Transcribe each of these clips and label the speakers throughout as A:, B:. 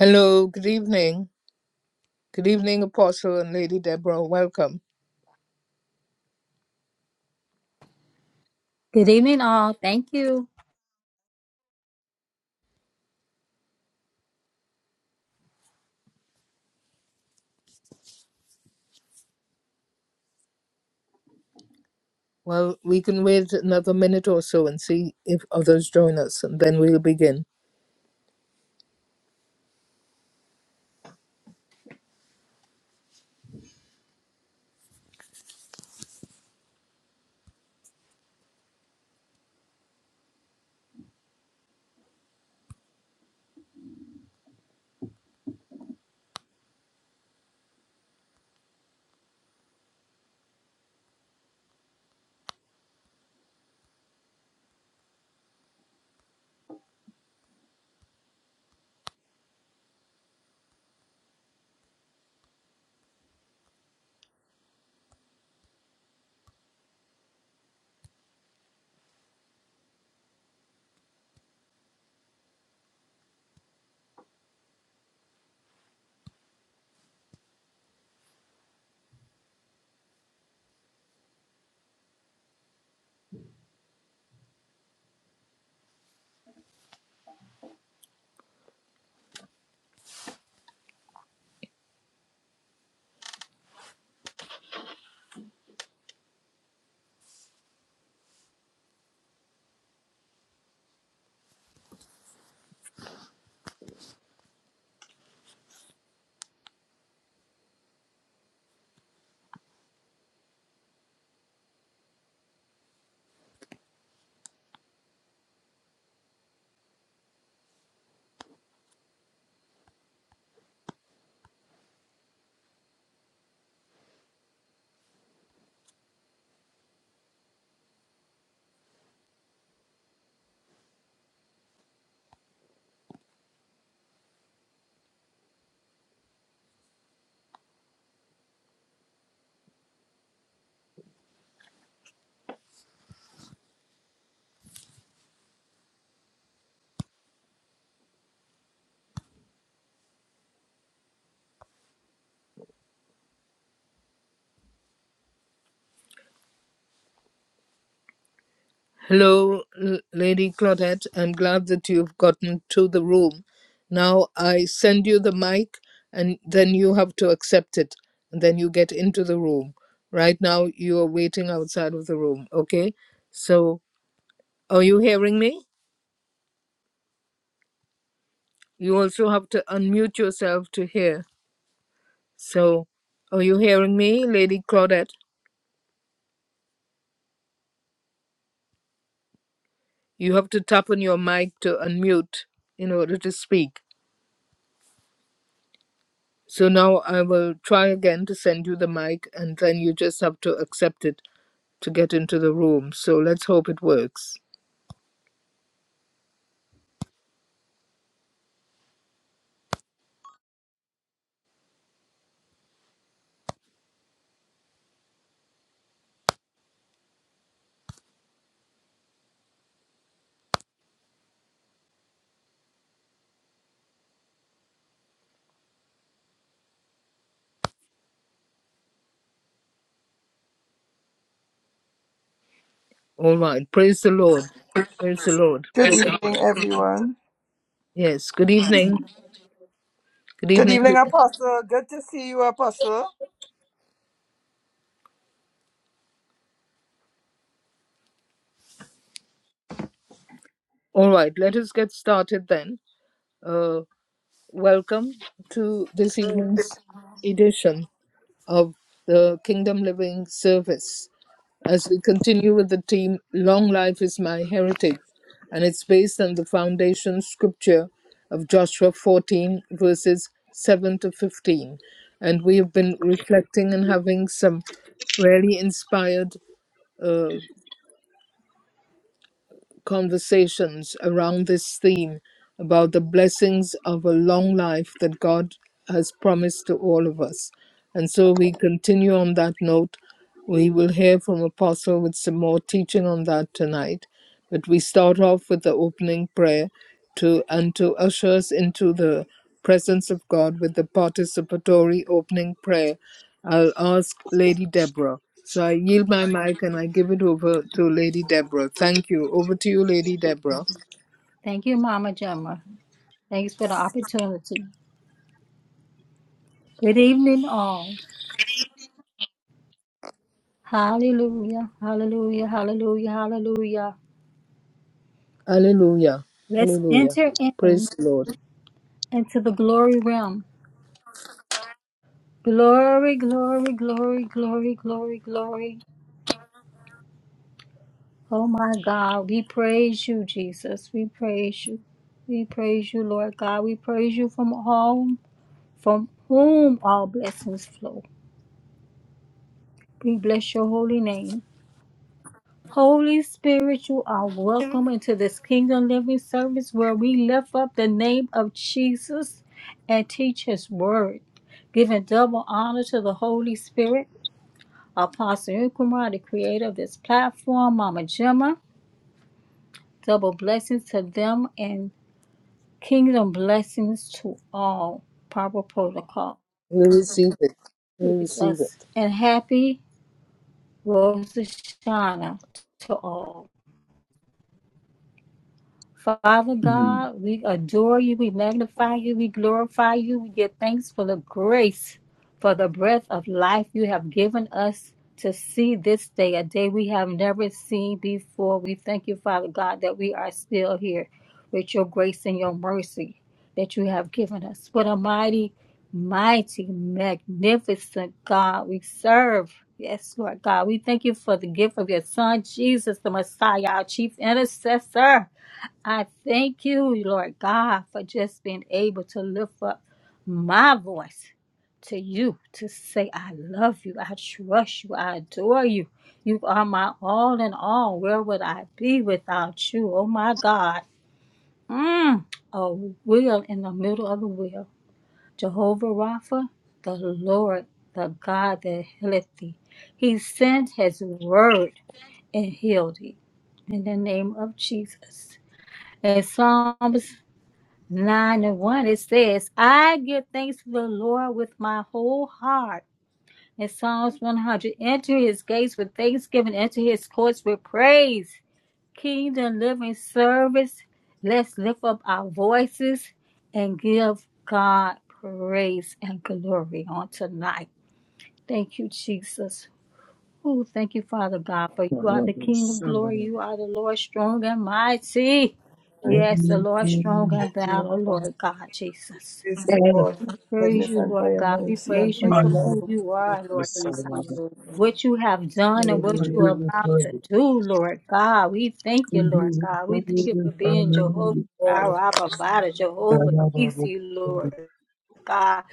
A: Hello, good evening. Good evening, Apostle and Lady Deborah. Welcome.
B: Good evening, all. Thank you.
A: Well, we can wait another minute or so and see if others join us, and then we'll begin. Hello, L- Lady Claudette. I'm glad that you've gotten to the room. Now I send you the mic, and then you have to accept it, and then you get into the room. Right now, you are waiting outside of the room, okay? So, are you hearing me? You also have to unmute yourself to hear. So, are you hearing me, Lady Claudette? You have to tap on your mic to unmute in order to speak. So now I will try again to send you the mic, and then you just have to accept it to get into the room. So let's hope it works. All right. Praise the Lord. Praise the Lord.
C: Good
A: Praise-
C: evening, everyone.
A: Yes. Good evening. Good
C: Good
A: evening.
C: evening, Apostle. Good to see you, Apostle.
A: All right. Let us get started then. Uh, welcome to this evening's edition of the Kingdom Living Service. As we continue with the theme, Long Life is My Heritage, and it's based on the foundation scripture of Joshua 14, verses 7 to 15. And we have been reflecting and having some really inspired uh, conversations around this theme about the blessings of a long life that God has promised to all of us. And so we continue on that note. We will hear from Apostle with some more teaching on that tonight. But we start off with the opening prayer to and to usher us into the presence of God with the participatory opening prayer, I'll ask Lady Deborah. So I yield my mic and I give it over to Lady Deborah. Thank you. Over to you, Lady Deborah.
B: Thank you, Mama Gemma. Thanks for the opportunity. Good evening, all. Hallelujah, hallelujah, hallelujah, hallelujah.
A: Hallelujah.
B: Let's
A: Hallelujah.
B: enter
A: Praise
B: in
A: the Lord.
B: into the glory realm. Glory, glory, glory, glory, glory, glory. Oh my God, we praise you, Jesus. We praise you. We praise you, Lord God. We praise you from all from whom all blessings flow. We bless your holy name. Holy Spirit, you are welcome into this Kingdom Living service where we lift up the name of Jesus and teach His Word, giving double honor to the Holy Spirit, Apostle Nkrumah, the creator of this platform, Mama Gemma, double blessings to them and kingdom blessings to all. Proper protocol.
A: We receive it. We
B: Please
A: receive it.
B: us and happy Rosh Hashanah to all. Father
D: Mm.
B: God, we adore you, we magnify you, we glorify you, we give thanks for the grace, for the breath of life you have given us to see this day, a day we have never seen before. We thank you, Father God, that we are still here with your grace and your mercy that you have given us. What a mighty, mighty, magnificent God we serve. Yes, Lord God, we thank you for the gift of your Son, Jesus, the Messiah, our chief intercessor. I thank you, Lord God, for just being able to lift up my voice to you to say, I love you, I trust you, I adore you. You are my all in all. Where would I be without you? Oh my God. Mm. A wheel in the middle of the wheel. Jehovah Rapha, the Lord, the God that healeth thee. He sent his word and healed thee. In the name of Jesus. In Psalms 9 and 1, it says, I give thanks to the Lord with my whole heart. In Psalms 100, enter his gates with thanksgiving, enter his courts with praise. Kingdom living service, let's lift up our voices and give God praise and glory on tonight. Thank you, Jesus. Oh, thank you, Father God, for you are the King of glory. You are the Lord strong and mighty.
C: Praise
B: Yes, the Lord strong and
C: you,
B: battle,
C: God.
B: Lord God, Jesus.
C: Praise you, God, for
B: We
C: your
B: praise
C: goodness
B: you,
C: and for
B: Lord
C: your
B: God. We
C: mercy and
B: praise
C: for
B: you
C: your
B: for
C: love.
B: who
C: O
B: you
C: God.
B: are, Lord God.
C: Praise you, Lord.
B: What you have done and what you
C: Hallelujah.
B: are about to do, Lord God. We thank you, Lord God. We thank you for being Jehovah, Jireh,
C: God.
B: our provider, Jehovah, Nisi, Lord God.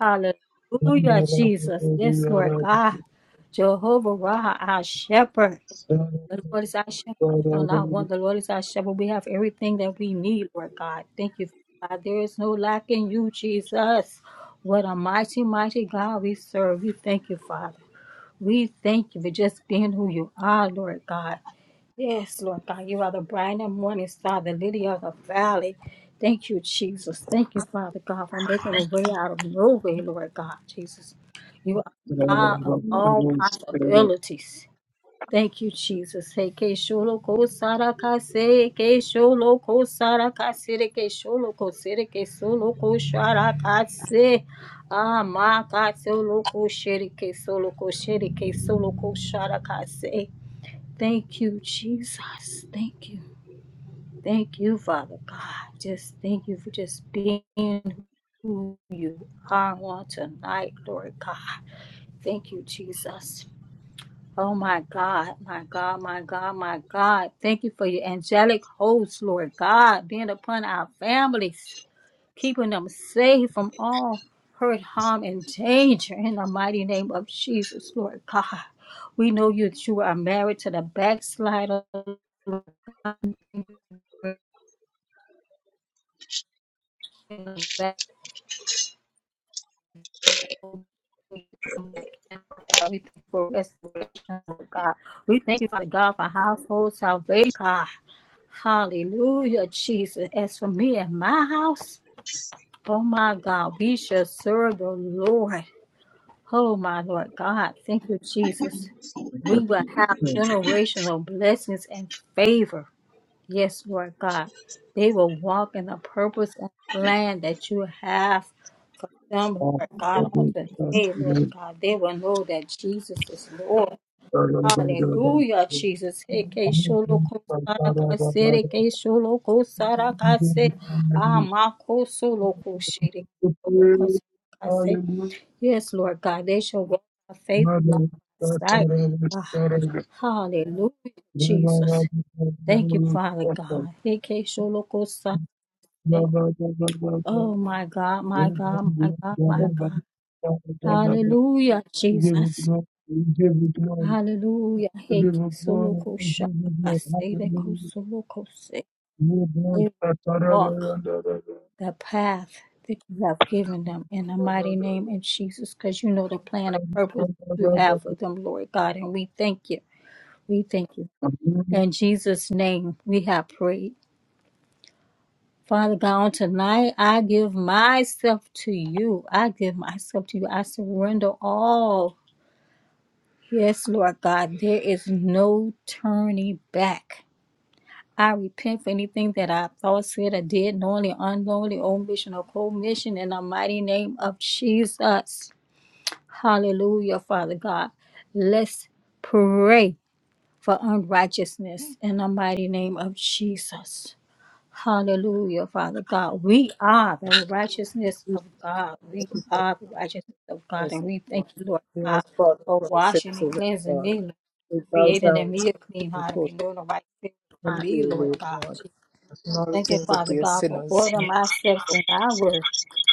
B: Hallelujah, Jesus. Yes, Lord God. Jehovah Raha, our shepherd.
D: Hallelujah.
B: The Lord is our shepherd. We shall not want. The Lord is our shepherd. We have everything that we need, Lord God. Thank you, God. There is no lack in you, Jesus. What a mighty, mighty God we serve. We thank you, Father. We thank you for just being who you are, Lord God. Yes, Lord God. You are the bright and morning star, the lily of the valley. Thank you, Jesus. Thank you, Father God, for making a way out of no way, Lord God, Jesus. You are God of all possibilities. Thank you, Jesus. Hey, ke sholo ko sara ka se, ke sholo ko sara ka se, re ke sholo ko se, re ke solo ko shara ka se. Ah, ma ka solo ko she, re ke solo ko she, re ke solo ko shara ka se. Thank you, Jesus. Thank you. Thank you, Father God. Just thank you for just being on tonight, Lord God. Thank you, Jesus. Oh my God, my God, my God, my God. Thank you for your angelic hosts, Lord God, being upon our families, keeping them safe from all hurt, harm, and danger in the mighty name of Jesus, Lord God. We know you that you are married to the backslider. and the back- we thank you for restoration, Lord God. We thank you, Father God, for household salvation, God. Hallelujah, Jesus. As for me and my house, Oh my God, we shall serve the Lord. Oh my Lord God, thank you, Jesus. We will have generational blessings and favor. Yes, Lord God. They will walk in the purpose and plan that you have for them, Lord God, on today, Lord God. They will know that Jesus is Lord. Hallelujah, Jesus. Eke sholo kosara kase, eke sholo kosara kase, amako solo koshere, solo kosara kase. Yes, Lord God, they shall walk by faith and not
D: Mother,
B: by
D: give it
B: sight.
D: glory, we
B: Ah,
D: give it glory,
B: hallelujah,
D: we give it
B: Jesus. Thank you,
D: glory,
B: Father God. Eke sholo kosara. Oh, my God, my God, my God, my God. Hallelujah, Jesus. Hallelujah. Heke soloko
D: we
B: kosha
D: give it glory,
B: kasere
D: hallelujah.
B: soloko se.
D: You bless
B: They
D: the Taraba
B: walk the path that you have given them in the mighty name of Jesus, because you know the plan and
D: and
B: purpose you
D: the
B: have for them, Lord God, and we thank you. We thank you. In Jesus' name, we have prayed. Father God, on tonight, I give myself to you. I give myself to you. I surrender all. Yes, Lord God, there is no turning back I repent for anything that I thought, said, or did, knowingly, unknowingly, omission, or commission, in the mighty name of Jesus. Hallelujah, Father God. Let's pray for unrighteousness in the mighty name of Jesus. Hallelujah, Father God. We are the righteousness of God. We are the righteousness of God.
A: Yes,
B: And we thank
A: Lord.
B: you, Lord
A: We
B: God,
A: ask Father
B: for
A: for the
B: washing
A: sins
B: and
A: of
B: cleansing
A: God.
B: me,
A: We bow
B: creating in
A: down
B: me a clean heart and
A: before
B: renewing a right spirit
A: you,
B: in
A: humbly,
B: me, Lord
A: Lord
B: God.
A: God,
B: Thank you,
A: acknowledging that
B: Father
A: we are
B: God, for
A: sinners
B: order
A: and
B: my steps and Thy work,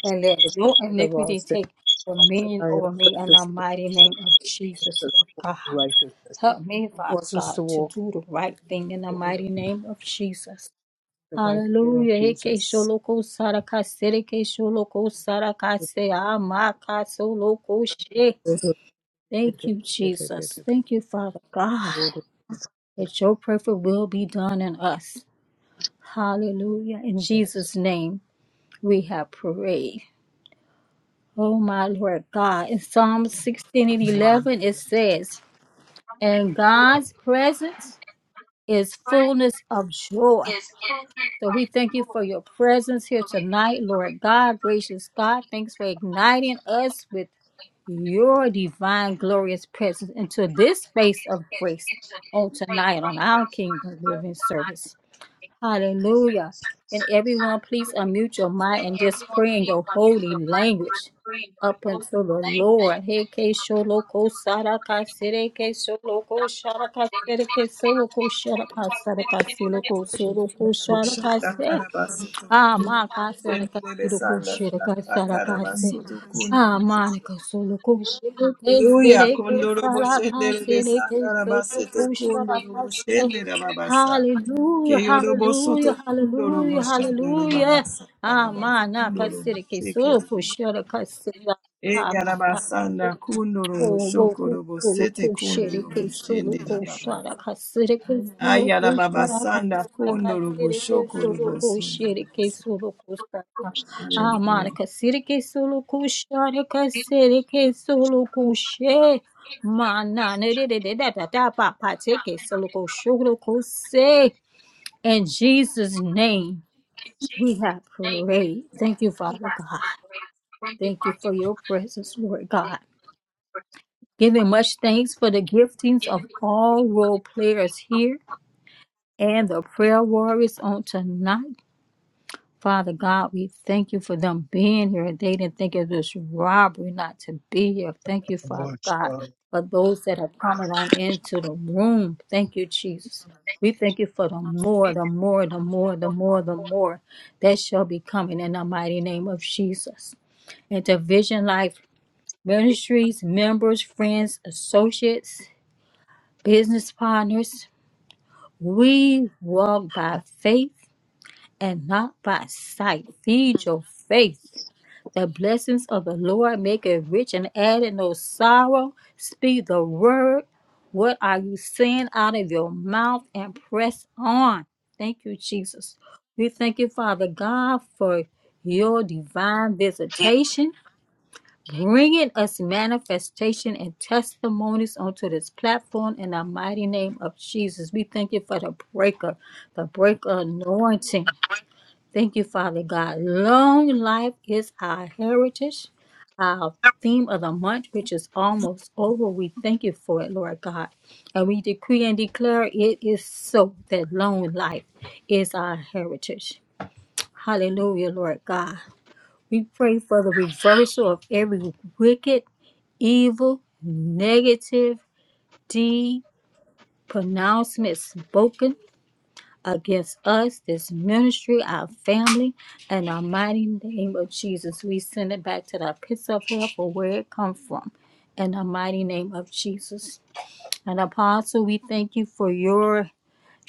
B: and let
A: of
B: no
A: our
B: iniquity
A: sin
B: take dominion
A: by your
B: over me in the
A: precious blood
B: mighty name of
A: and
B: Jesus,
A: the
B: Lord
A: full
B: God.
A: righteousness.
B: Help me, Father
A: Cause us
B: God,
A: to
B: to
A: walk
B: do the right thing in the
A: in you.
B: mighty name of Jesus.
A: In the mighty name of
B: Hallelujah. Heke
A: Jesus.
B: sholoko saraka sereke sholoko saraka se amaka soloko she. Thank you, Jesus. Thank you, Father God, that your perfect will be done in us. Hallelujah. In Jesus' name we have prayed. Oh my Lord God. In Psalm 16 and 11, it says, And God's presence is fullness of joy. So we thank you for your presence here tonight, Lord God, gracious God. Thanks for igniting us with your divine, glorious presence into this space of grace on tonight on our Kingdom Living Service. Hallelujah. And everyone, please unmute your mind and just pray in your holy language up until the Lord. Hey, ke sholoko saraka sereke sholoko sharaka sereke sholoko sharaka saraka siloko soroko sharaka
C: Boshata
B: se.
C: karabasoto
B: Ah,
C: kundu.
B: ma casa era
C: Sendele
B: casiro
C: besanda
B: coxera
C: kasta
B: casara case.
C: karabasoto
B: Ah, ma
C: kundu.
B: ne casolo coxere
C: Hallelujah.
B: casere
C: Kondoro
B: casara
C: boshende
B: casere
C: besanda
B: casolo
C: rabasete
B: coxera
C: kondoro
B: case. le casa la casa le caso lo cosce la casa.
C: boshende rababasa.
B: Hallelujah,
C: Keyoro bosoto
B: hallelujah,
C: kondoro
B: hallelujah,
C: boshanda
B: hallelujah.
C: rababasa
B: Ah,
C: karabasa.
B: ma na
C: Kondoro
B: casere
C: bosheke
B: casolo
C: rabis.
B: coxera casera.
C: E
B: Ah, ma casa.
C: yarabasanda kondoro
B: Oboku
C: boshokoro bosete
B: suluku
C: kondoro
B: shereke
C: boshende
B: suluku
C: rababasa.
B: sharaka sireke suluku sharaka
C: Ayarababasanda
B: siraka
C: kondoro
B: sireke
C: boshokoro
B: suluku
C: bosondoro
B: shereke
C: bosete.
B: suluku sharaka
C: Hallelujah.
B: amaraka sireke suluku sharaka sireke suluku she mana ne de de de da da Papa pa pa teke suluku suluku se in Jesus name we have prayed thank you Father God thank you for your presence Lord God giving much thanks for the giftings of all role players here and the prayer warriors on tonight. Father God, we thank you for them being here. They didn't think it was robbery not to be here. Thank you, Father God, for those that have come on into the room. Thank you, Jesus. We thank you for the more, the more, the more, the more, the more that shall be coming in the mighty name of Jesus. And to Vision Life Ministries, members, friends, associates, business partners, we walk by faith and not by sight. Feed your faith. The blessings of the Lord make it rich and add it no sorrow. Speak the word. What are you saying out of your mouth and press on? Thank you, Jesus. We thank you, Father God, for your divine visitation bringing us manifestation and testimonies onto this platform in the mighty name of Jesus. We thank you for the breaker, the breaker anointing. Thank you, Father God. Long life is our heritage, our theme of the month, which is almost over. We thank you for it, Lord God. And we decree and declare it is so that long life is our heritage. Hallelujah, Lord God. We pray for the reversal of every wicked evil, negative, deed, pronouncements spoken against us, this ministry, our family, and our mighty name of Jesus. We send it back to the pits of hell for where it come from. In the mighty name of Jesus. And Apostle, we thank you for your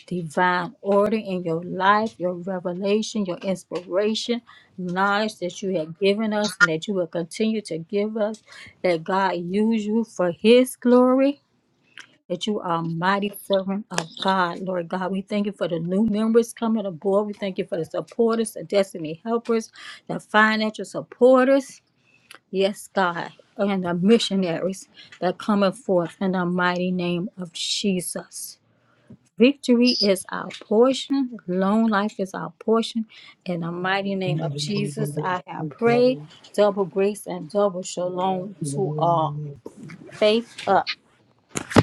B: divine order in your life, your revelation, your inspiration, knowledge that you have given us and that you will continue to give us, that God use you for his glory that you are a mighty servant of God, Lord God. We thank you for the new members coming aboard. We thank you for the supporters, the destiny helpers, the financial supporters. Yes, God. And the missionaries that coming forth in the mighty name of Jesus. Victory is our portion. Long life is our portion. In the mighty name of Jesus, I have prayed. Double grace and double shalom to all. Faith up.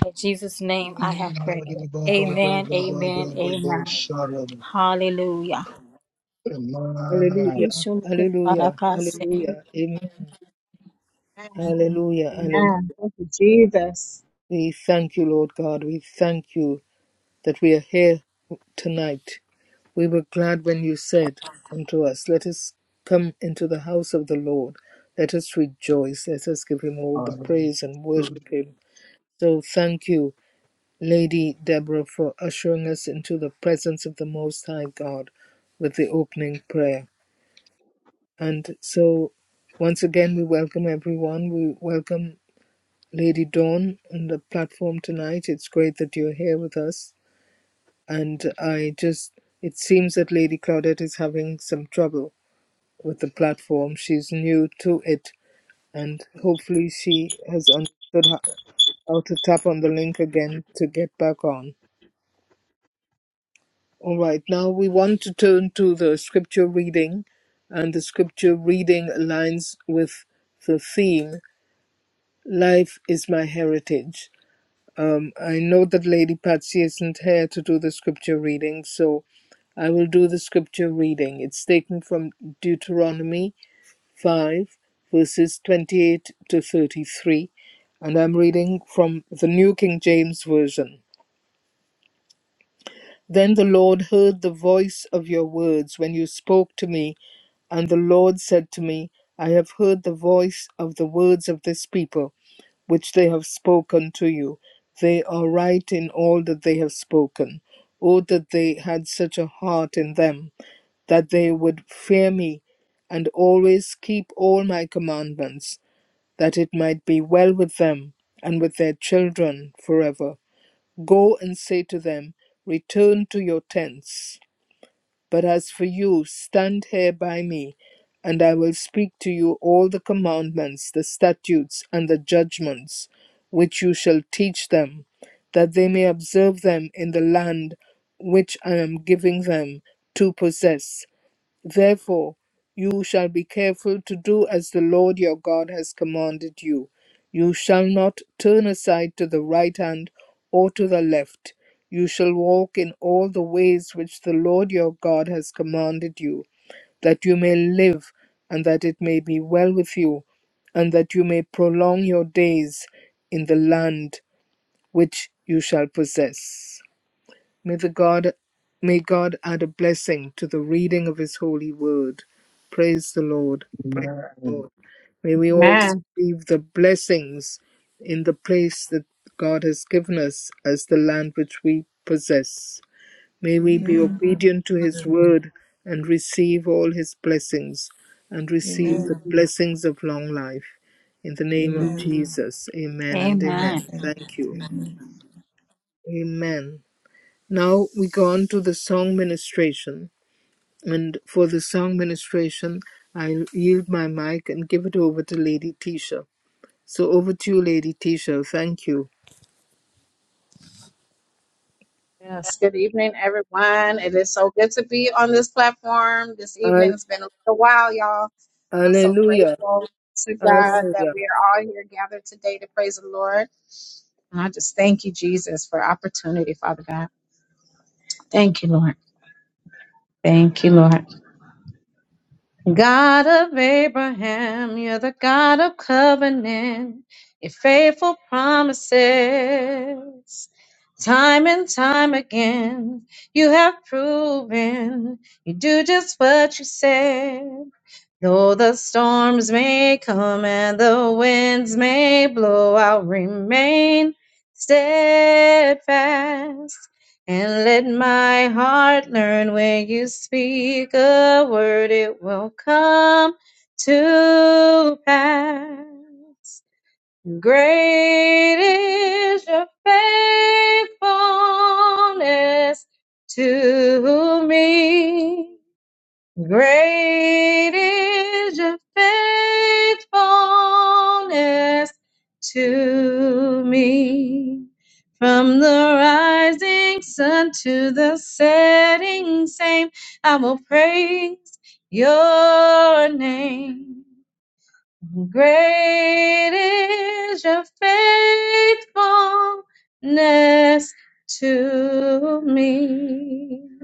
B: In Jesus' name I have prayed. Amen, amen, amen.
E: Amen.
B: Hallelujah.
A: Hallelujah. Hallelujah.
B: Yeshua-barakase.
A: Hallelujah. Amen.
F: Amen.
A: Hallelujah. Hallelujah.
F: Amen. Thank you, Jesus.
A: We thank you, Lord God. We thank you. that we are here tonight. We were glad when you said unto us, Let us come into the house of the Lord. Let us rejoice. Let us give him all the praise and worship him. So thank you, Lady Deborah, for ushering us into the presence of the Most High God with the opening prayer. And so, once again, we welcome everyone. We welcome Lady Dawn on the platform tonight. It's great that you're here with us. and I just it seems that Lady Claudette is having some trouble with the platform. She's new to it, and hopefully she has understood how, how to tap on the link again to get back on. All right, now we want to turn to the scripture reading, and the scripture reading aligns with the theme "Life is my heritage." Um, I know that Lady Patsy isn't here to do the scripture reading, so I will do the scripture reading. It's taken from Deuteronomy 5, verses 28 to 33, and I'm reading from the New King James Version. Then the Lord heard the voice of your words when you spoke to me, and the Lord said to me, I have heard the voice of the words of this people, which they have spoken to you. They are right in all that they have spoken. Oh, that they had such a heart in them, that they would fear me, and always keep all my commandments, that it might be well with them and with their children forever Go and say to them, Return to your tents. But as for you, stand here by me, and I will speak to you all the commandments, the statutes, and the judgments which you shall teach them, that they may observe them in the land which I am giving them to possess Therefore, you shall be careful to do as the Lord your God has commanded you. You shall not turn aside to the right hand or to the left. You shall walk in all the ways which the Lord your God has commanded you, that you may live, and that it may be well with you, and that you may prolong your days in the land which you shall possess. May the God may God add a blessing to the reading of his holy word. Praise the Lord. Praise the Lord. May we all
F: Amen.
A: receive the blessings in the place that God has given us as the land which we possess. May we be
C: Amen.
A: obedient to his word and receive all his blessings and receive the
C: Amen.
A: blessings of long life. In the name of
C: Amen.
A: Jesus. Amen and amen.
B: Amen,
A: Thank you.
C: Amen.
A: Amen. Now we go on to the song ministration. And for the song ministration, I will yield my mic and give it over to Lady Tisha. So over to you, Lady Tisha. Thank you.
F: Yes. Good evening, everyone. It is so good to be on this platform this evening.
A: Al-
F: It's been a little while, y'all, and I'm so
A: Hallelujah.
F: grateful to God that
A: Hallelujah.
F: we are all here gathered today to praise the Lord. And I just thank you, Jesus, for opportunity, Father God. Thank you, Lord. Thank you, Lord. God of Abraham, you're the God of covenant, your faithful promises. Time and time again, you have proven you do just what you said. Though the storms may come and the winds may blow, I'll remain steadfast. And let my heart learn when you speak a word, it will come to pass. Great is your faithfulness to me. Great is your faithfulness to me. From the rising sun to the setting same, I will praise your name. Great is your faithfulness to me.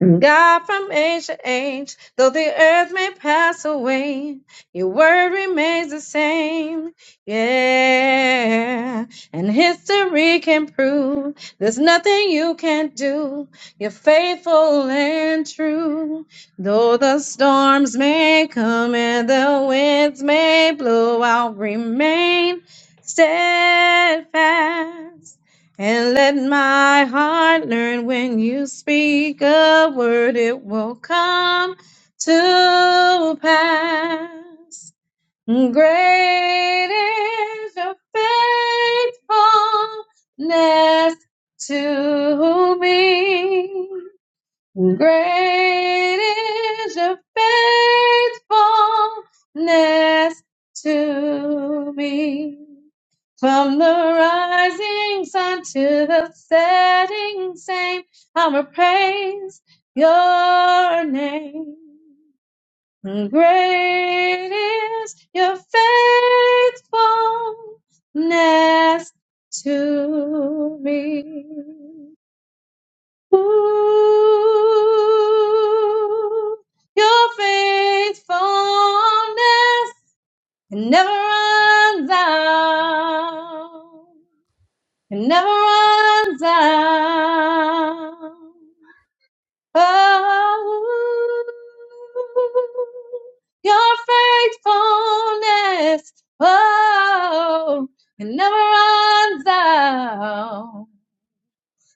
F: God from age to age, though the earth may pass away, your word remains the same. Yeah. And history can prove there's nothing you can't do. You're faithful and true. Though the storms may come and the winds may blow, I'll remain steadfast. And let my heart learn when you speak a word, it will come to pass. Great is your faithfulness to me. Great is your faithfulness to me. From the rising sun to the setting sun, I'ma praise your name. Great is your faithfulness to me. Ooh, your faithfulness never runs out. It never runs out. Oh, your faithfulness. Oh, it never runs out.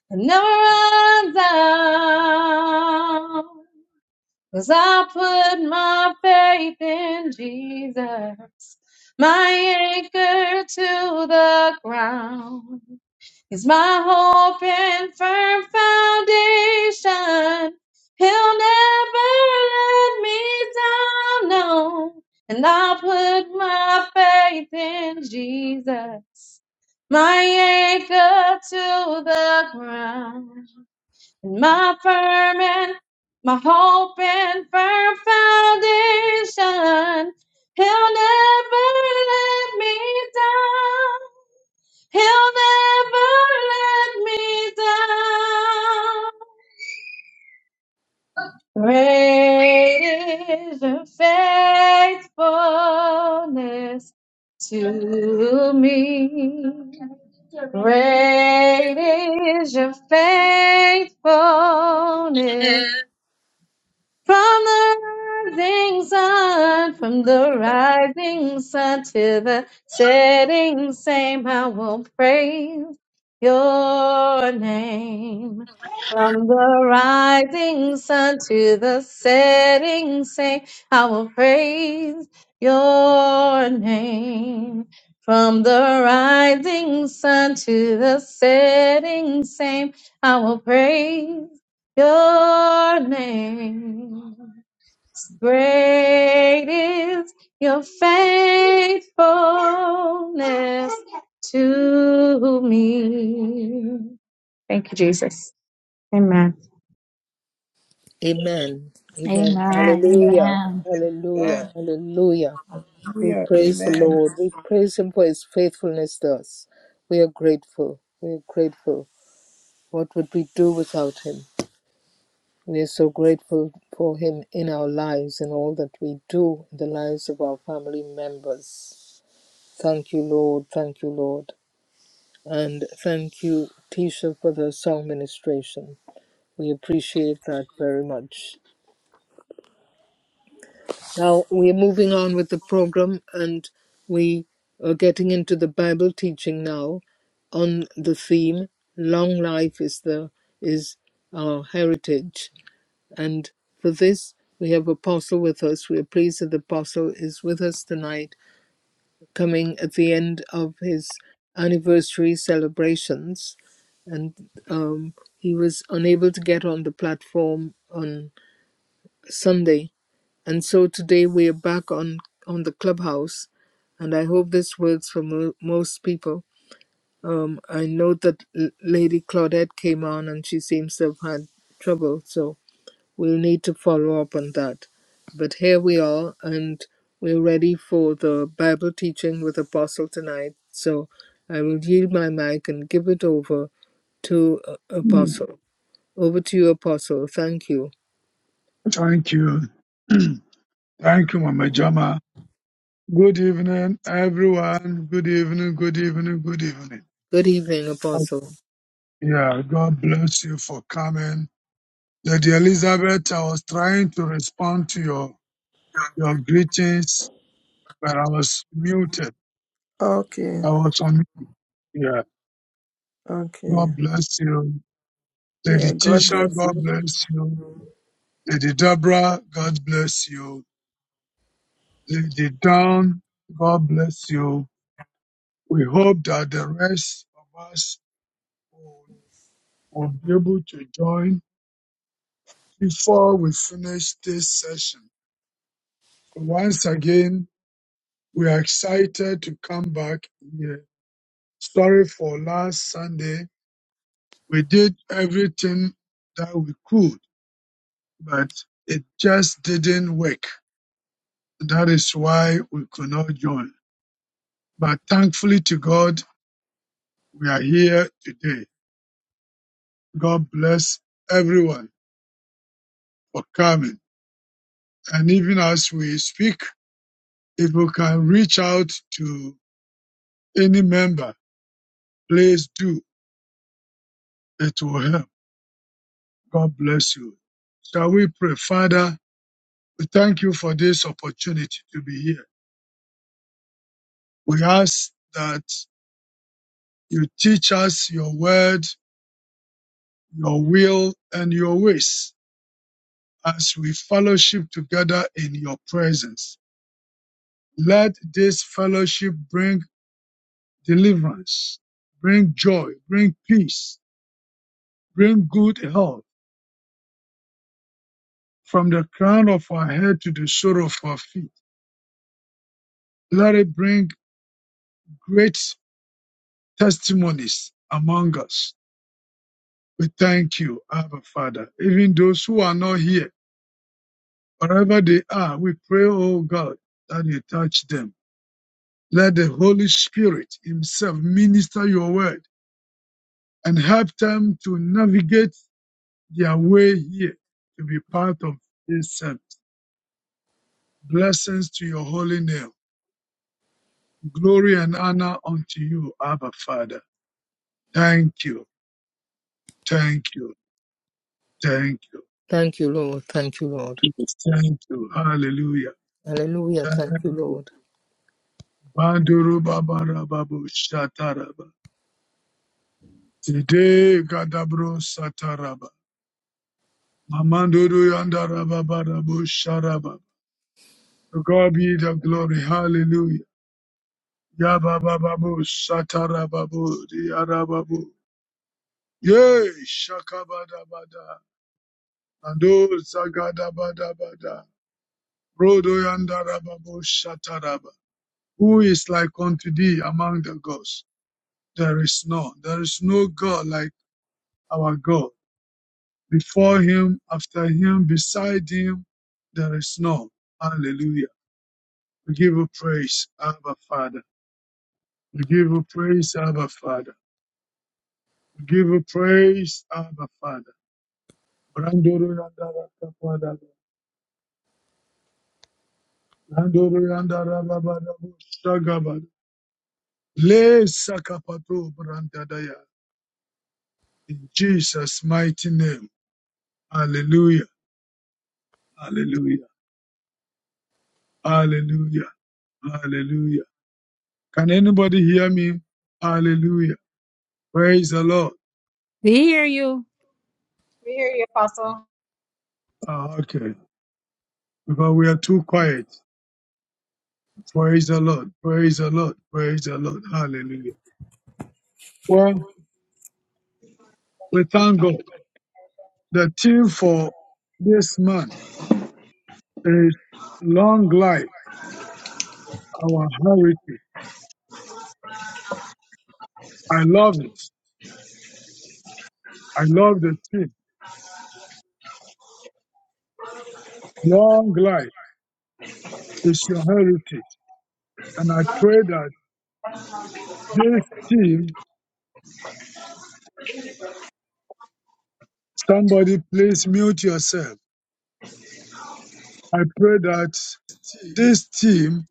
F: It never runs out, 'cause I put my faith in Jesus, my anchor to the ground. He's my hope and firm foundation. He'll never let me down, no. And I'll put my faith in Jesus, my anchor to the ground my firm and my hope and firm foundation. He'll never let me down. He'll never let me down. Great is your faithfulness to me. Great is your faithfulness From the rising sun, from the rising sun to the setting same, I will praise your name. From the rising sun to the setting same, I will praise your name. From the rising sun to the setting same, I will praise your name. Great is your faithfulness to me. Thank you, Jesus. Amen.
A: Amen. Amen.
B: amen,
A: Hallelujah.
B: amen.
C: Amen.
A: Hallelujah. Hallelujah. We
C: Hallelujah.
A: praise the
C: Amen.
A: Lord. We praise Him for His faithfulness to us. We are grateful. We are grateful. What would we do without Him? We are so grateful for Him in our lives and all that we do in the lives of our family members. Thank you, Lord. Thank you, Lord. And thank you, Tisha, for the song ministration. We appreciate that very much. Now we are moving on with the program and we are getting into the Bible teaching now on the theme Long Life is the is our heritage And for this, we have Apostle with us. We are pleased that the Apostle is with us tonight, coming at the end of his anniversary celebrations. And um, he was unable to get on the platform on Sunday. And so today we are back on, on the clubhouse. And I hope this works for mo- most people. Um, I know that L- Lady Claudette came on and she seems to have had trouble. So We'll need to follow up on that. But here we are, and we're ready for the Bible teaching with Apostle tonight. So I will yield my mic and give it over to uh, Apostle. Over to you, Apostle. Thank you.
D: Thank you. Thank you, Mama Jama. Good evening, everyone. Good evening, good evening, good evening.
A: Good evening, Apostle.
D: Yeah, God bless you for coming. Lady Elizabeth, I was trying to respond to your, your greetings, but I was muted.
C: Okay,
D: I was on, yeah.
C: okay.
D: God bless you. Lady
C: Yeah, God
D: Tisha,
C: bless
D: God
C: you.
D: bless you. Lady Deborah, God bless you. Lady Dawn, God bless you. We hope that the rest of us will, will be able to join before we finish this session. So once again, We are excited to come back here. Sorry for last Sunday. We did everything that we could, but it just didn't work. That is why we could not join. But thankfully to God, we are here today. God bless everyone for coming. And even as we speak, if you can reach out to any member, please do. It will help. God bless you. Shall we pray, Father? We thank you for this opportunity to be here. We ask that you teach us your word, your will, and your ways as we fellowship together in your presence. Let this fellowship bring deliverance, bring joy, bring peace, bring good health from the crown of our head to the sole of our feet. Let it bring great testimonies among us We thank you, Abba Father. Even those who are not here, wherever they are, we pray, oh God, that you touch them. Let the Holy Spirit himself minister your word and help them to navigate their way here to be part of this service. Blessings to your holy name. Glory and honor unto you, Abba Father. Thank you. Thank you. Thank you.
A: Thank you, Lord. Thank you, Lord.
D: Thank you. Hallelujah.
A: Hallelujah.
D: Thank
A: Thank you,
D: you.
A: Lord.
D: Banduru babara babu shataraba. Tide kadabro sataraba. Mamanduru yandara babarabu sharaba. To God be the glory. Hallelujah. Yabababu satarababu diarababu. Yay, shakabadabada. Ando zagadabadabada. Brodo yandarababu shataraba. Who is like unto thee among the gods? There is none. There is no God like our God. Before him, after him, beside him, there is none. Hallelujah. We give you praise, Abba Father. We give you praise, Abba Father. We give you praise, Abba Father. Brandoro yandara kapada. Brandoro yandara babada bushagabada. Le sakapato brandadaya. In Jesus' mighty name. Hallelujah. Hallelujah. Hallelujah. Hallelujah. Can anybody hear me? Hallelujah. Praise the Lord.
B: We hear you.
F: We hear you, Apostle.
D: Ah, okay. Because we are too quiet. Praise the Lord. Praise the Lord. Praise the Lord. Hallelujah. Well, we thank God. The theme for this month is long life, our heritage. I love it. I love the theme. Long life is your heritage. And I pray that this theme, somebody please mute yourself. I pray that this theme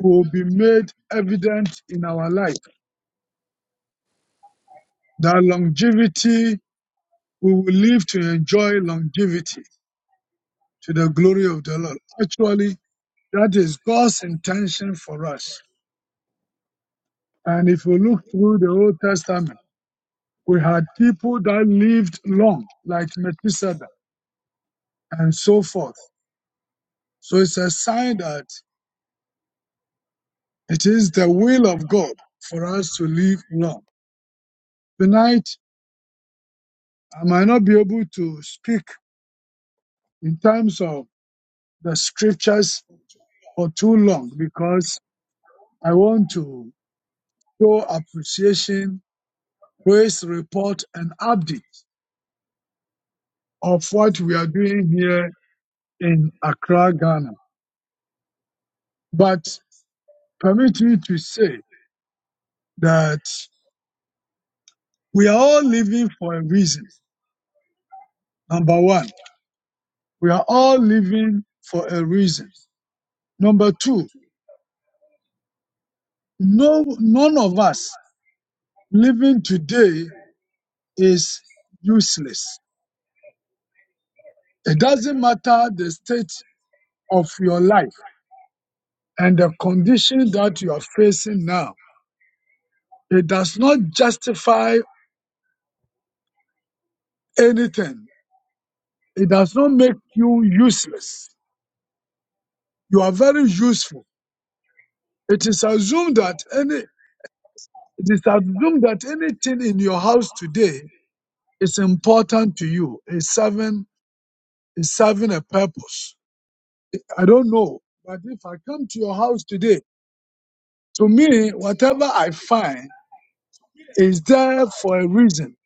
D: will be made evident in our life. That longevity we will live to enjoy longevity to the glory of the Lord. Actually, that is God's intention for us. And if we look through the Old Testament, we had people that lived long, like Methuselah and so forth. So it's a sign that it is the will of God for us to live long. Tonight, I might not be able to speak in terms of the scriptures for too long because I want to show appreciation praise report and update of what we are doing here in Accra, Ghana. But permit me to say that we are all living for a reason. Number one, we are all living for a reason. Number two, no, none of us living today is useless. It doesn't matter the state of your life and the condition that you are facing now. It does not justify anything It does not make you useless. You are very useful. It is assumed that any it is assumed that anything in your house today is important to you. Is serving is serving a purpose. I don't know, but if I come to your house today, to me, whatever I find is there for a reason.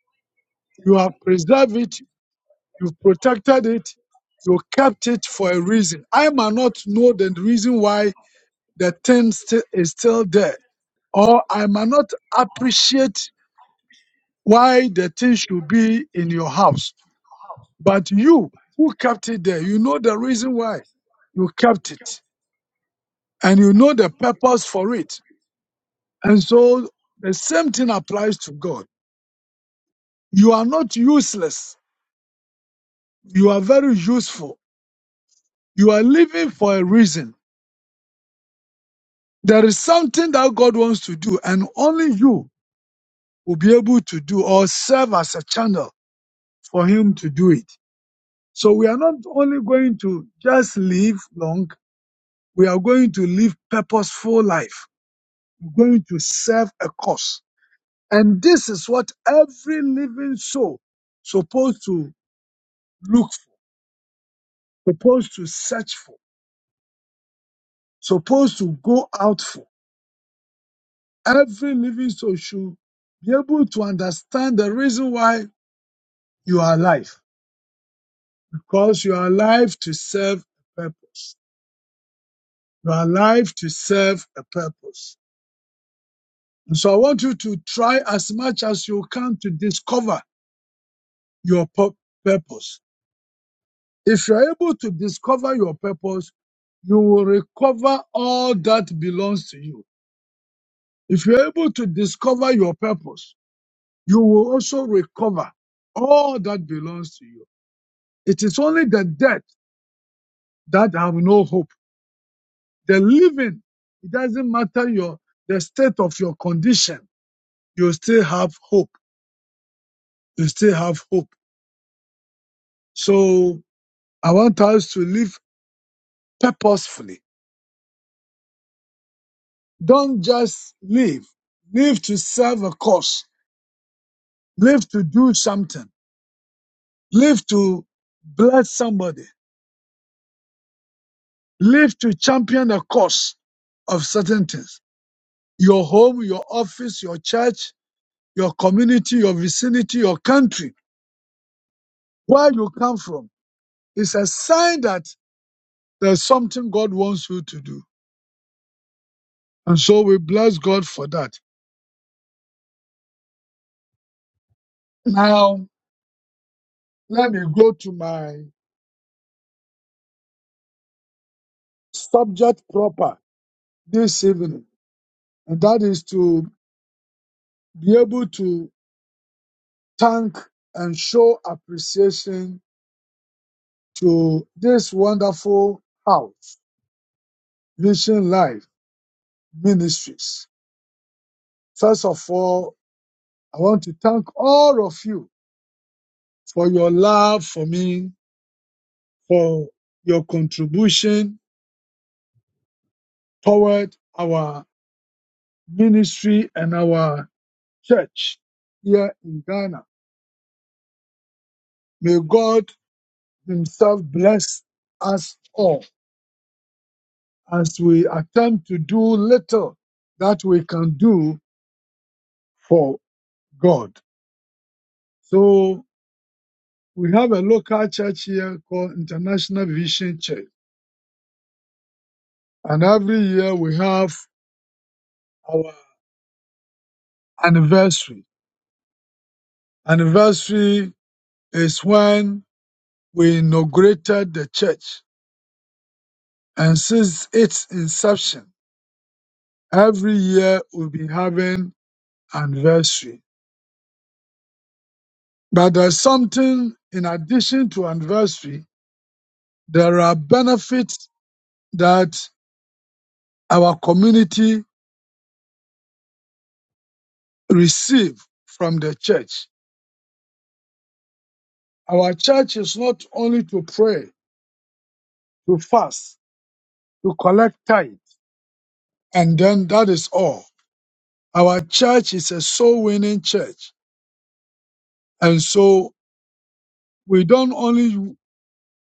D: You have preserved it, you've protected it, you kept it for a reason. I might not know the reason why the thing sti- is still there. or I might not appreciate why the thing should be in your house. But you who kept it there, you know the reason why you kept it and you know the purpose for it. And so the same thing applies to God. You are not useless. You are very useful. You are living for a reason. There is something that God wants to do and only you will be able to do or serve as a channel for him to do it. So we are not only going to just live long, we are going to live purposeful life. We're going to serve a cause. And this is what every living soul supposed to look for, supposed to search for, supposed to go out for. Every living soul should be able to understand the reason why you are alive. Because you are alive to serve a purpose. You are alive to serve a purpose. So I want you to try as much as you can to discover your pur- purpose. If you're able to discover your purpose, you will recover all that belongs to you. If you're able to discover your purpose, you will also recover all that belongs to you. It is only the dead that have no hope. The living, it doesn't matter your, the state of your condition. You still have hope. You still have hope. So I want us to live purposefully. Don't just live. Live to serve a cause. Live to do something. Live to bless somebody. Live to champion a cause of certain things. Your home, your office, your church, your community, your vicinity, your country, where you come from, is a sign that there's something God wants you to do. And so we bless God for that. Now, let me go to my subject proper this evening. and that is to be able to thank and show appreciation to this wonderful house, Vision Life Ministries. First of all, I want to thank all of you for your love for me, for your contribution toward our ministry and our church here in Ghana. May God Himself bless us all as we attempt to do little that we can do for God. So we have a local church here called International Vision Church. And every year we have our anniversary. Anniversary is when we inaugurated the church. And since its inception, every year we'll be having anniversary. But there's something in addition to anniversary, there are benefits that our community receive from the church. Our church is not only to pray, to fast, to collect tithe, and then that is all. Our church is a soul winning church. And so we don't only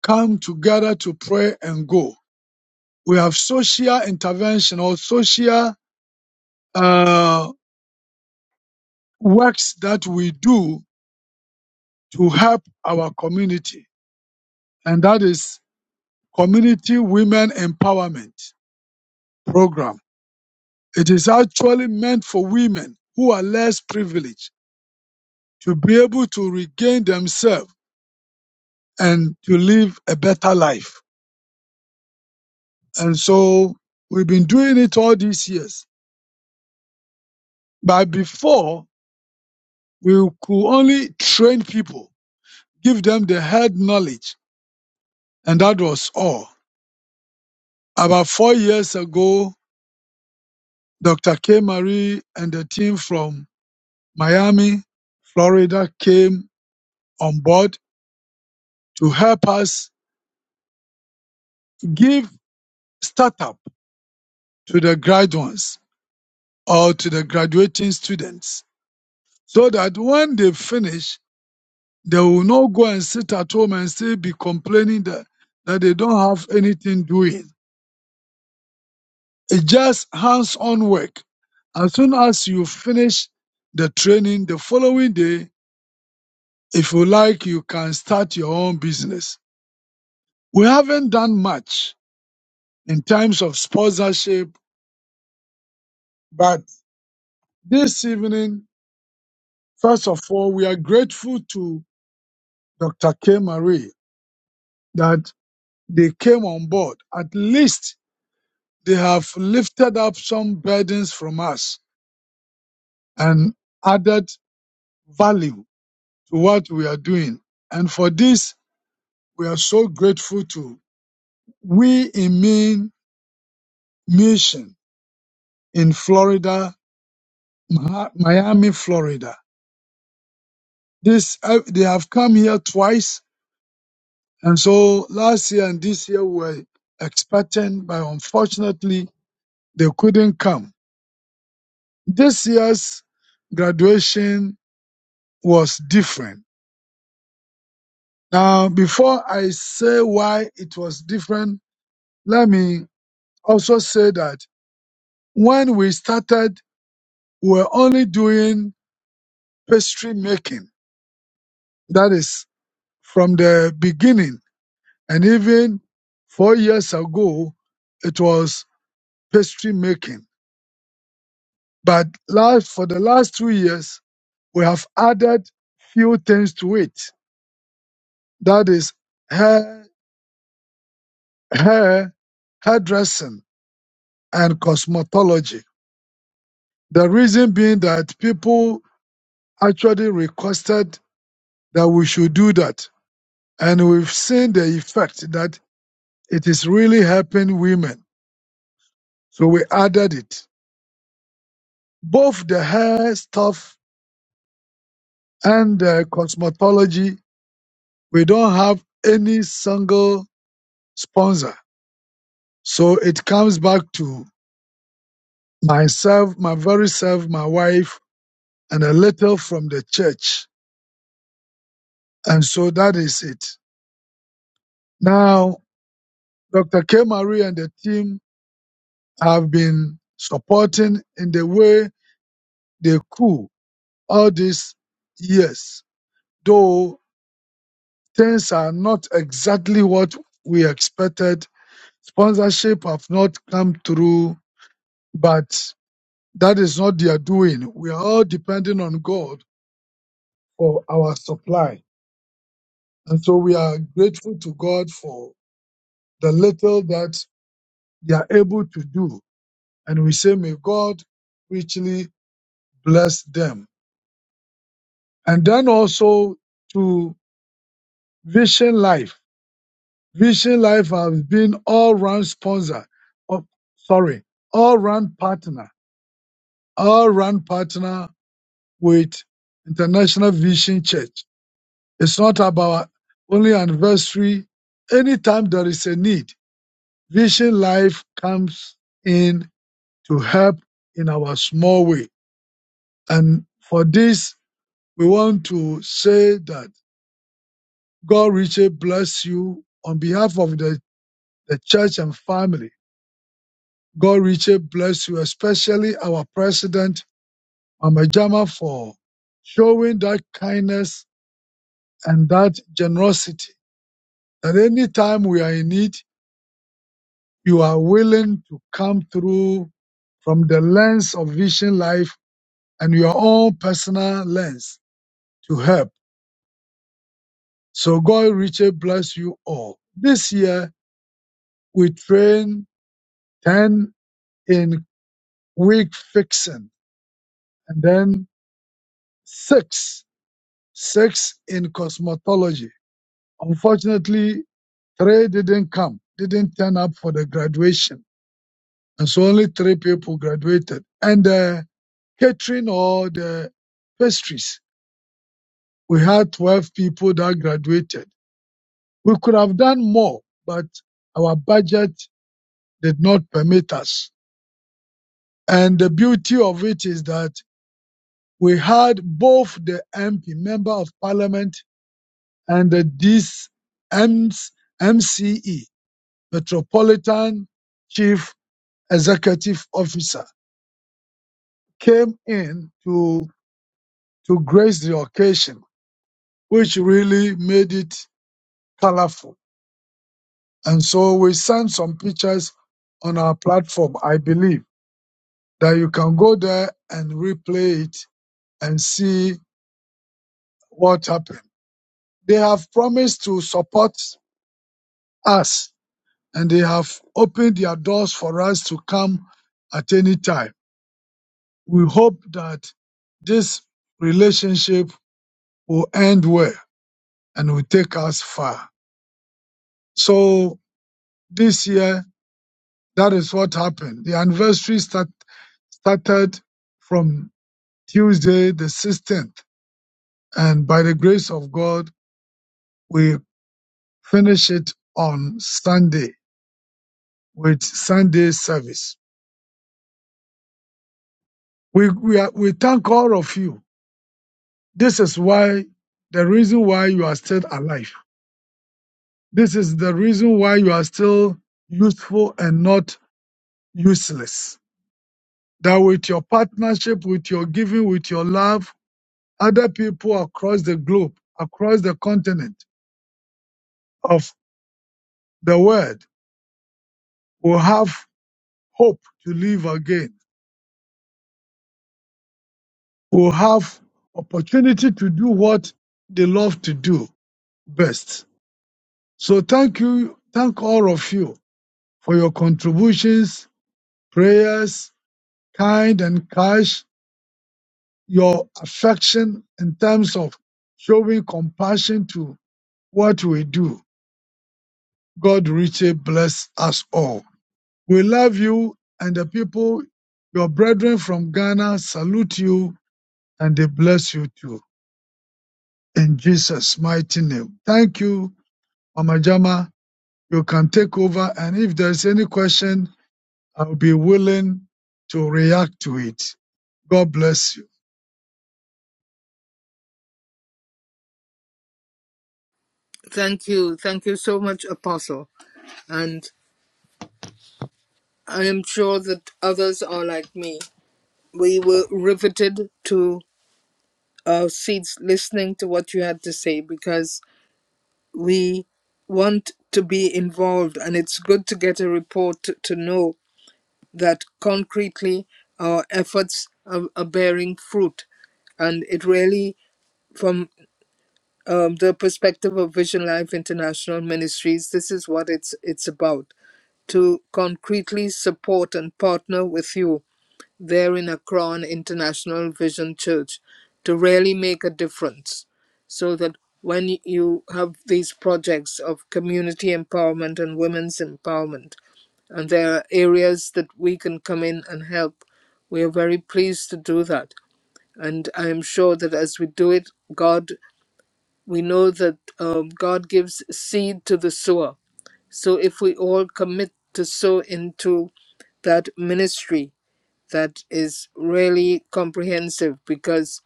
D: come together to pray and go. We have social intervention or social uh, works that we do to help our community. And that is Community Women Empowerment Program It is actually meant for women who are less privileged to be able to regain themselves and to live a better life. And so we've been doing it all these years. But before, we could only train people, give them the head knowledge, and that was all. About four years ago, Dr. K. Marie and the team from Miami, Florida came on board to help us give startup to the graduates or to the graduating students so that when they finish, they will not go and sit at home and still be complaining that, that they don't have anything doing. It's just hands on work. As soon as you finish the training the following day, if you like, you can start your own business. We haven't done much in terms of sponsorship, but this evening, first of all, we are grateful to Dr. K. Marie that they came on board. At least they have lifted up some burdens from us and added value to what we are doing. And for this, we are so grateful to We in Mean Mission in Florida, Miami, Florida. This uh, they have come here twice, and so last year and this year we were expecting, but unfortunately they couldn't come. This year's graduation was different. Now, before I say why it was different, let me also say that when we started, we were only doing pastry making. That is from the beginning. And even four years ago, it was pastry making. But last, for the last two years, we have added few things to it. That is hair, hair, hairdressing and cosmetology. The reason being that people actually requested that we should do that. And we've seen the effect that it is really helping women. So we added it. Both the hair stuff and the cosmetology, we don't have any single sponsor. So it comes back to myself, my very self, my wife, and a little from the church. And so that is it. Now, Dr. K. Marie and the team have been supporting in the way they could all these years. Though things are not exactly what we expected, sponsorship have not come through, but that is not their doing. We are all depending on God for our supply. And so we are grateful to God for the little that they are able to do. And we say, may God richly bless them. And then also to Vision Life. Vision Life has been all-round sponsor, of, sorry, all-round partner, all-round partner with International Vision Church. It's not about only anniversary. Anytime there is a need, Vision Life comes in to help in our small way. And for this, we want to say that God richly bless you on behalf of the, the church and family. God richly bless you, especially our president, Mama Jama, for showing that kindness and that generosity. That anytime we are in need, you are willing to come through from the lens of Vision Life and your own personal lens to help. So God richly bless you all. This year, we train 10 in wig fixing and then six, six in cosmetology Unfortunately, three didn't come, didn't turn up for the graduation. And so only three people graduated. And the catering or the pastries, we had 12 people that graduated. We could have done more, but our budget did not permit us. And the beauty of it is that we had both the MP, Member of Parliament, and the this MCE, Metropolitan Chief executive officer, came in to, to grace the occasion, which really made it colorful. And so we sent some pictures on our platform, I believe, that you can go there and replay it and see what happened. They have promised to support us and they have opened their doors for us to come at any time. We hope that this relationship will end well. and will take us far. So this year, that is what happened. The anniversary start, started from Tuesday, the 16th, and by the grace of God, we finish it on Sunday with Sunday service. We, we, are, we thank all of you. This is why the reason why you are still alive. This is the reason why you are still useful and not useless that with your partnership, with your giving, with your love, other people across the globe, across the continent of the world will have hope to live again, will have opportunity to do what they love to do best. So thank you, thank all of you for your contributions, prayers, kind and cash, your affection in terms of showing compassion to what we do God richly bless us all. We love you and the people, your brethren from Ghana salute you and they bless you too. In Jesus' mighty name. Thank you, Mama Jama. You can take over and if there's any question, I'll be willing to react to it. God bless you.
A: Thank you. Thank you so much, Apostle. And I am sure that others are like me. We were riveted to uh, seats listening to what you had to say because we want to be involved and it's good to get a report to, to know that concretely our efforts are, are bearing fruit and it really from um, the perspective of vision life international ministries this is what it's it's about to concretely support and partner with you there in Akron International Vision Church to really make a difference. So that when you have these projects of community empowerment and women's empowerment, and there are areas that we can come in and help, we are very pleased to do that. And I am sure that as we do it, God, we know that um, God gives seed to the sower. So if we all commit to sow into that ministry, that is really comprehensive because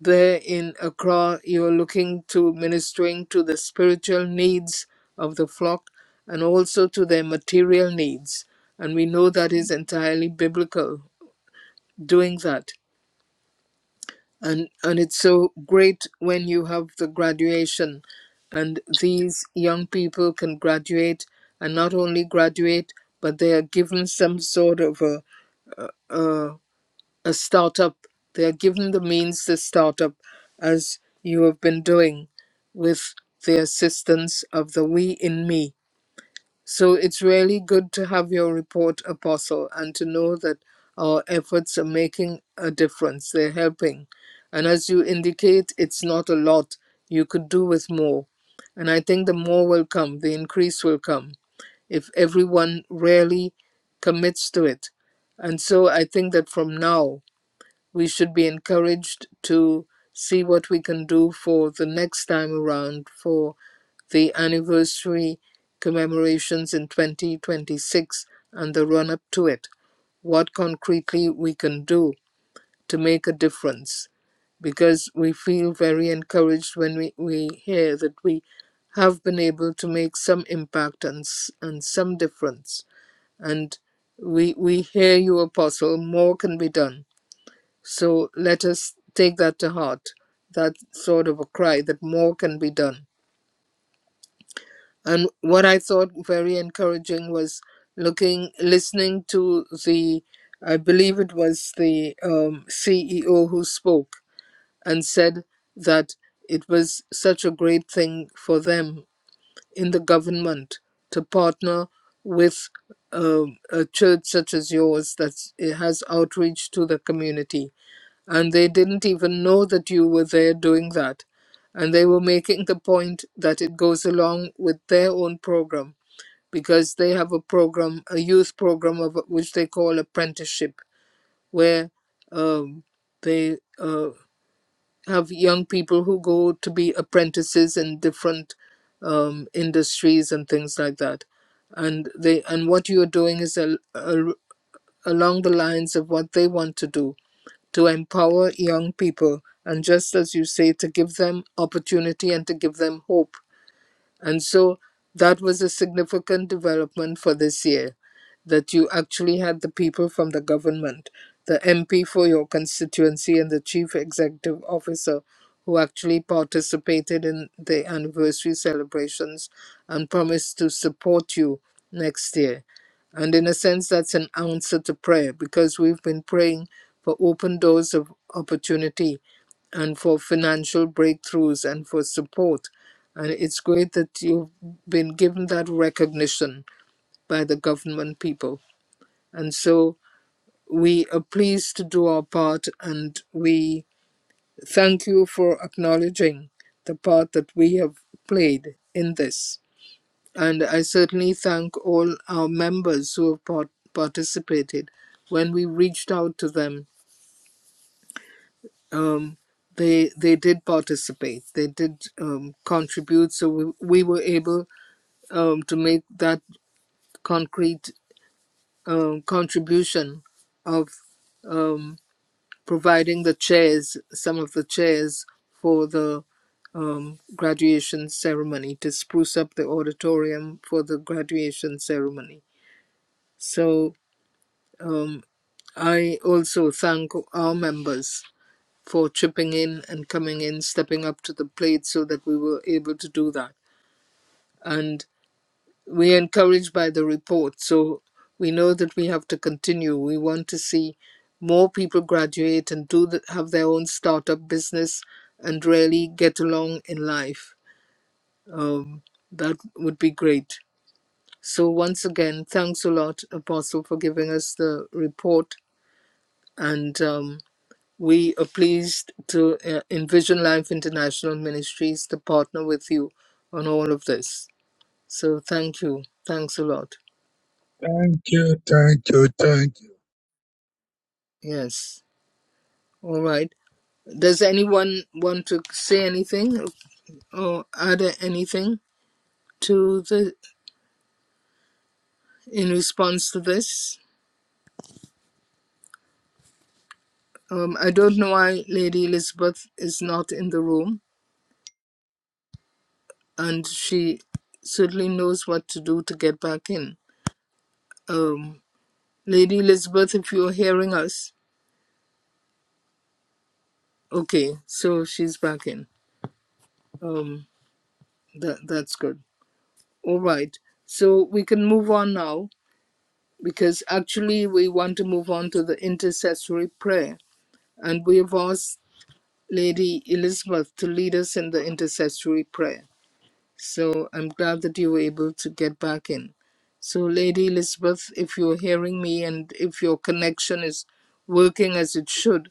A: there in Accra, you're looking to ministering to the spiritual needs of the flock and also to their material needs. And we know that is entirely biblical doing that. And, and it's so great when you have the graduation and these young people can graduate and not only graduate, but they are given some sort of a, a a startup. They are given the means to start up as you have been doing with the assistance of the We in Me. So it's really good to have your report, Apostle, and to know that our efforts are making a difference. They're helping. And as you indicate, it's not a lot. You could do with more. And I think the more will come, the increase will come, if everyone really commits to it. And so I think that from now, we should be encouraged to see what we can do for the next time around for the anniversary commemorations in 2026 and the run up to it. What concretely we can do to make a difference because we feel very encouraged when we, we hear that we have been able to make some impact and, and some difference. And we, we hear you, Apostle, more can be done so let us take that to heart, that sort of a cry that more can be done. And what I thought very encouraging was looking, listening to the, I believe it was the um, CEO who spoke and said that it was such a great thing for them in the government to partner with um, a church such as yours that has outreach to the community and they didn't even know that you were there doing that. And they were making the point that it goes along with their own program because they have a program, a youth program of which they call apprenticeship, where um, they uh, have young people who go to be apprentices in different um, industries and things like that. And they and what you are doing is al al along the lines of what they want to do to empower young people. And just as you say, to give them opportunity and to give them hope and so that was a significant development for this year that you actually had the people from the government, the MP for your constituency, and the chief executive officer who actually participated in the anniversary celebrations and promised to support you next year. And in a sense, that's an answer to prayer because we've been praying for open doors of opportunity and for financial breakthroughs and for support and it's great that you've been given that recognition by the government people. And so we are pleased to do our part and we thank you for acknowledging the part that we have played in this. And I certainly thank all our members who have part- participated. When we reached out to them, um, they they did participate. They did um, contribute, so we, we were able um, to make that concrete um, contribution of um, providing the chairs, some of the chairs for the um, graduation ceremony to spruce up the auditorium for the graduation ceremony. So um, I also thank our members for chipping in and coming in, stepping up to the plate so that we were able to do that. and. we're encouraged by the report. So we know that we have to continue. We want to see more people graduate and do the, have their own startup business and really get along in life. Um, that would be great. So once again, thanks a lot, Apostle, for giving us the report. And um, we are pleased to uh, envision Life International Ministries to partner with you on all of this. So thank you. Thanks a lot.
D: Thank you, thank you, thank you.
A: Yes. All right. Does anyone want to say anything or add anything to the in response to this? Um, I don't know why Lady Elizabeth is not in the room, and she certainly knows what to do to get back in. Um, Lady Elizabeth, if you're hearing us, okay, so she's back in. Um, that that's good. All right. So we can move on now because actually we want to move on to the intercessory prayer and we have asked Lady Elizabeth to lead us in the intercessory prayer. So I'm glad that you were able to get back in. So, Lady Elizabeth, if you're hearing me and if your connection is working as it should,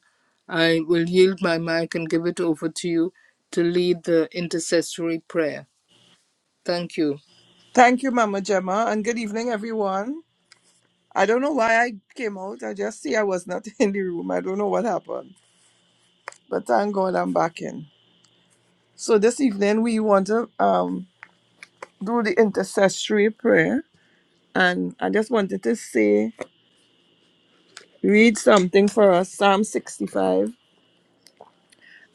A: I will yield my mic and give it over to you to lead the intercessory prayer. Thank you.
C: Thank you, Mama Gemma, and good evening, everyone. I don't know why I came out. I just see I was not in the room. I don't know what happened, but thank God I'm back in. So this evening we want to um do the intercessory prayer, and I just wanted to say, read something for us, Psalm 65,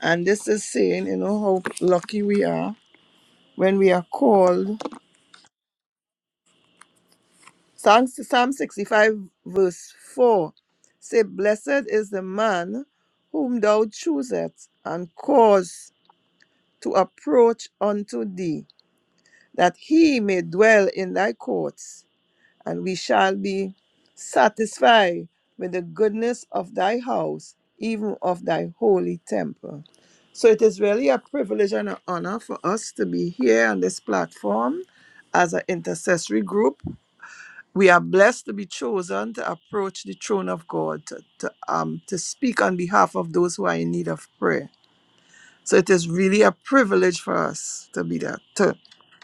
C: and this is saying, you know how lucky we are when we are called Psalm, Psalm 65, verse 4 say, Blessed is the man whom thou choosest and cause to approach unto thee, that he may dwell in thy courts, and we shall be satisfied with the goodness of thy house, even of thy holy temple. So it is really a privilege and an honor for us to be here on this platform as an intercessory group we are blessed to be chosen to approach the throne of God, to, to, um, to speak on behalf of those who are in need of prayer. So it is really a privilege for us to be that, to,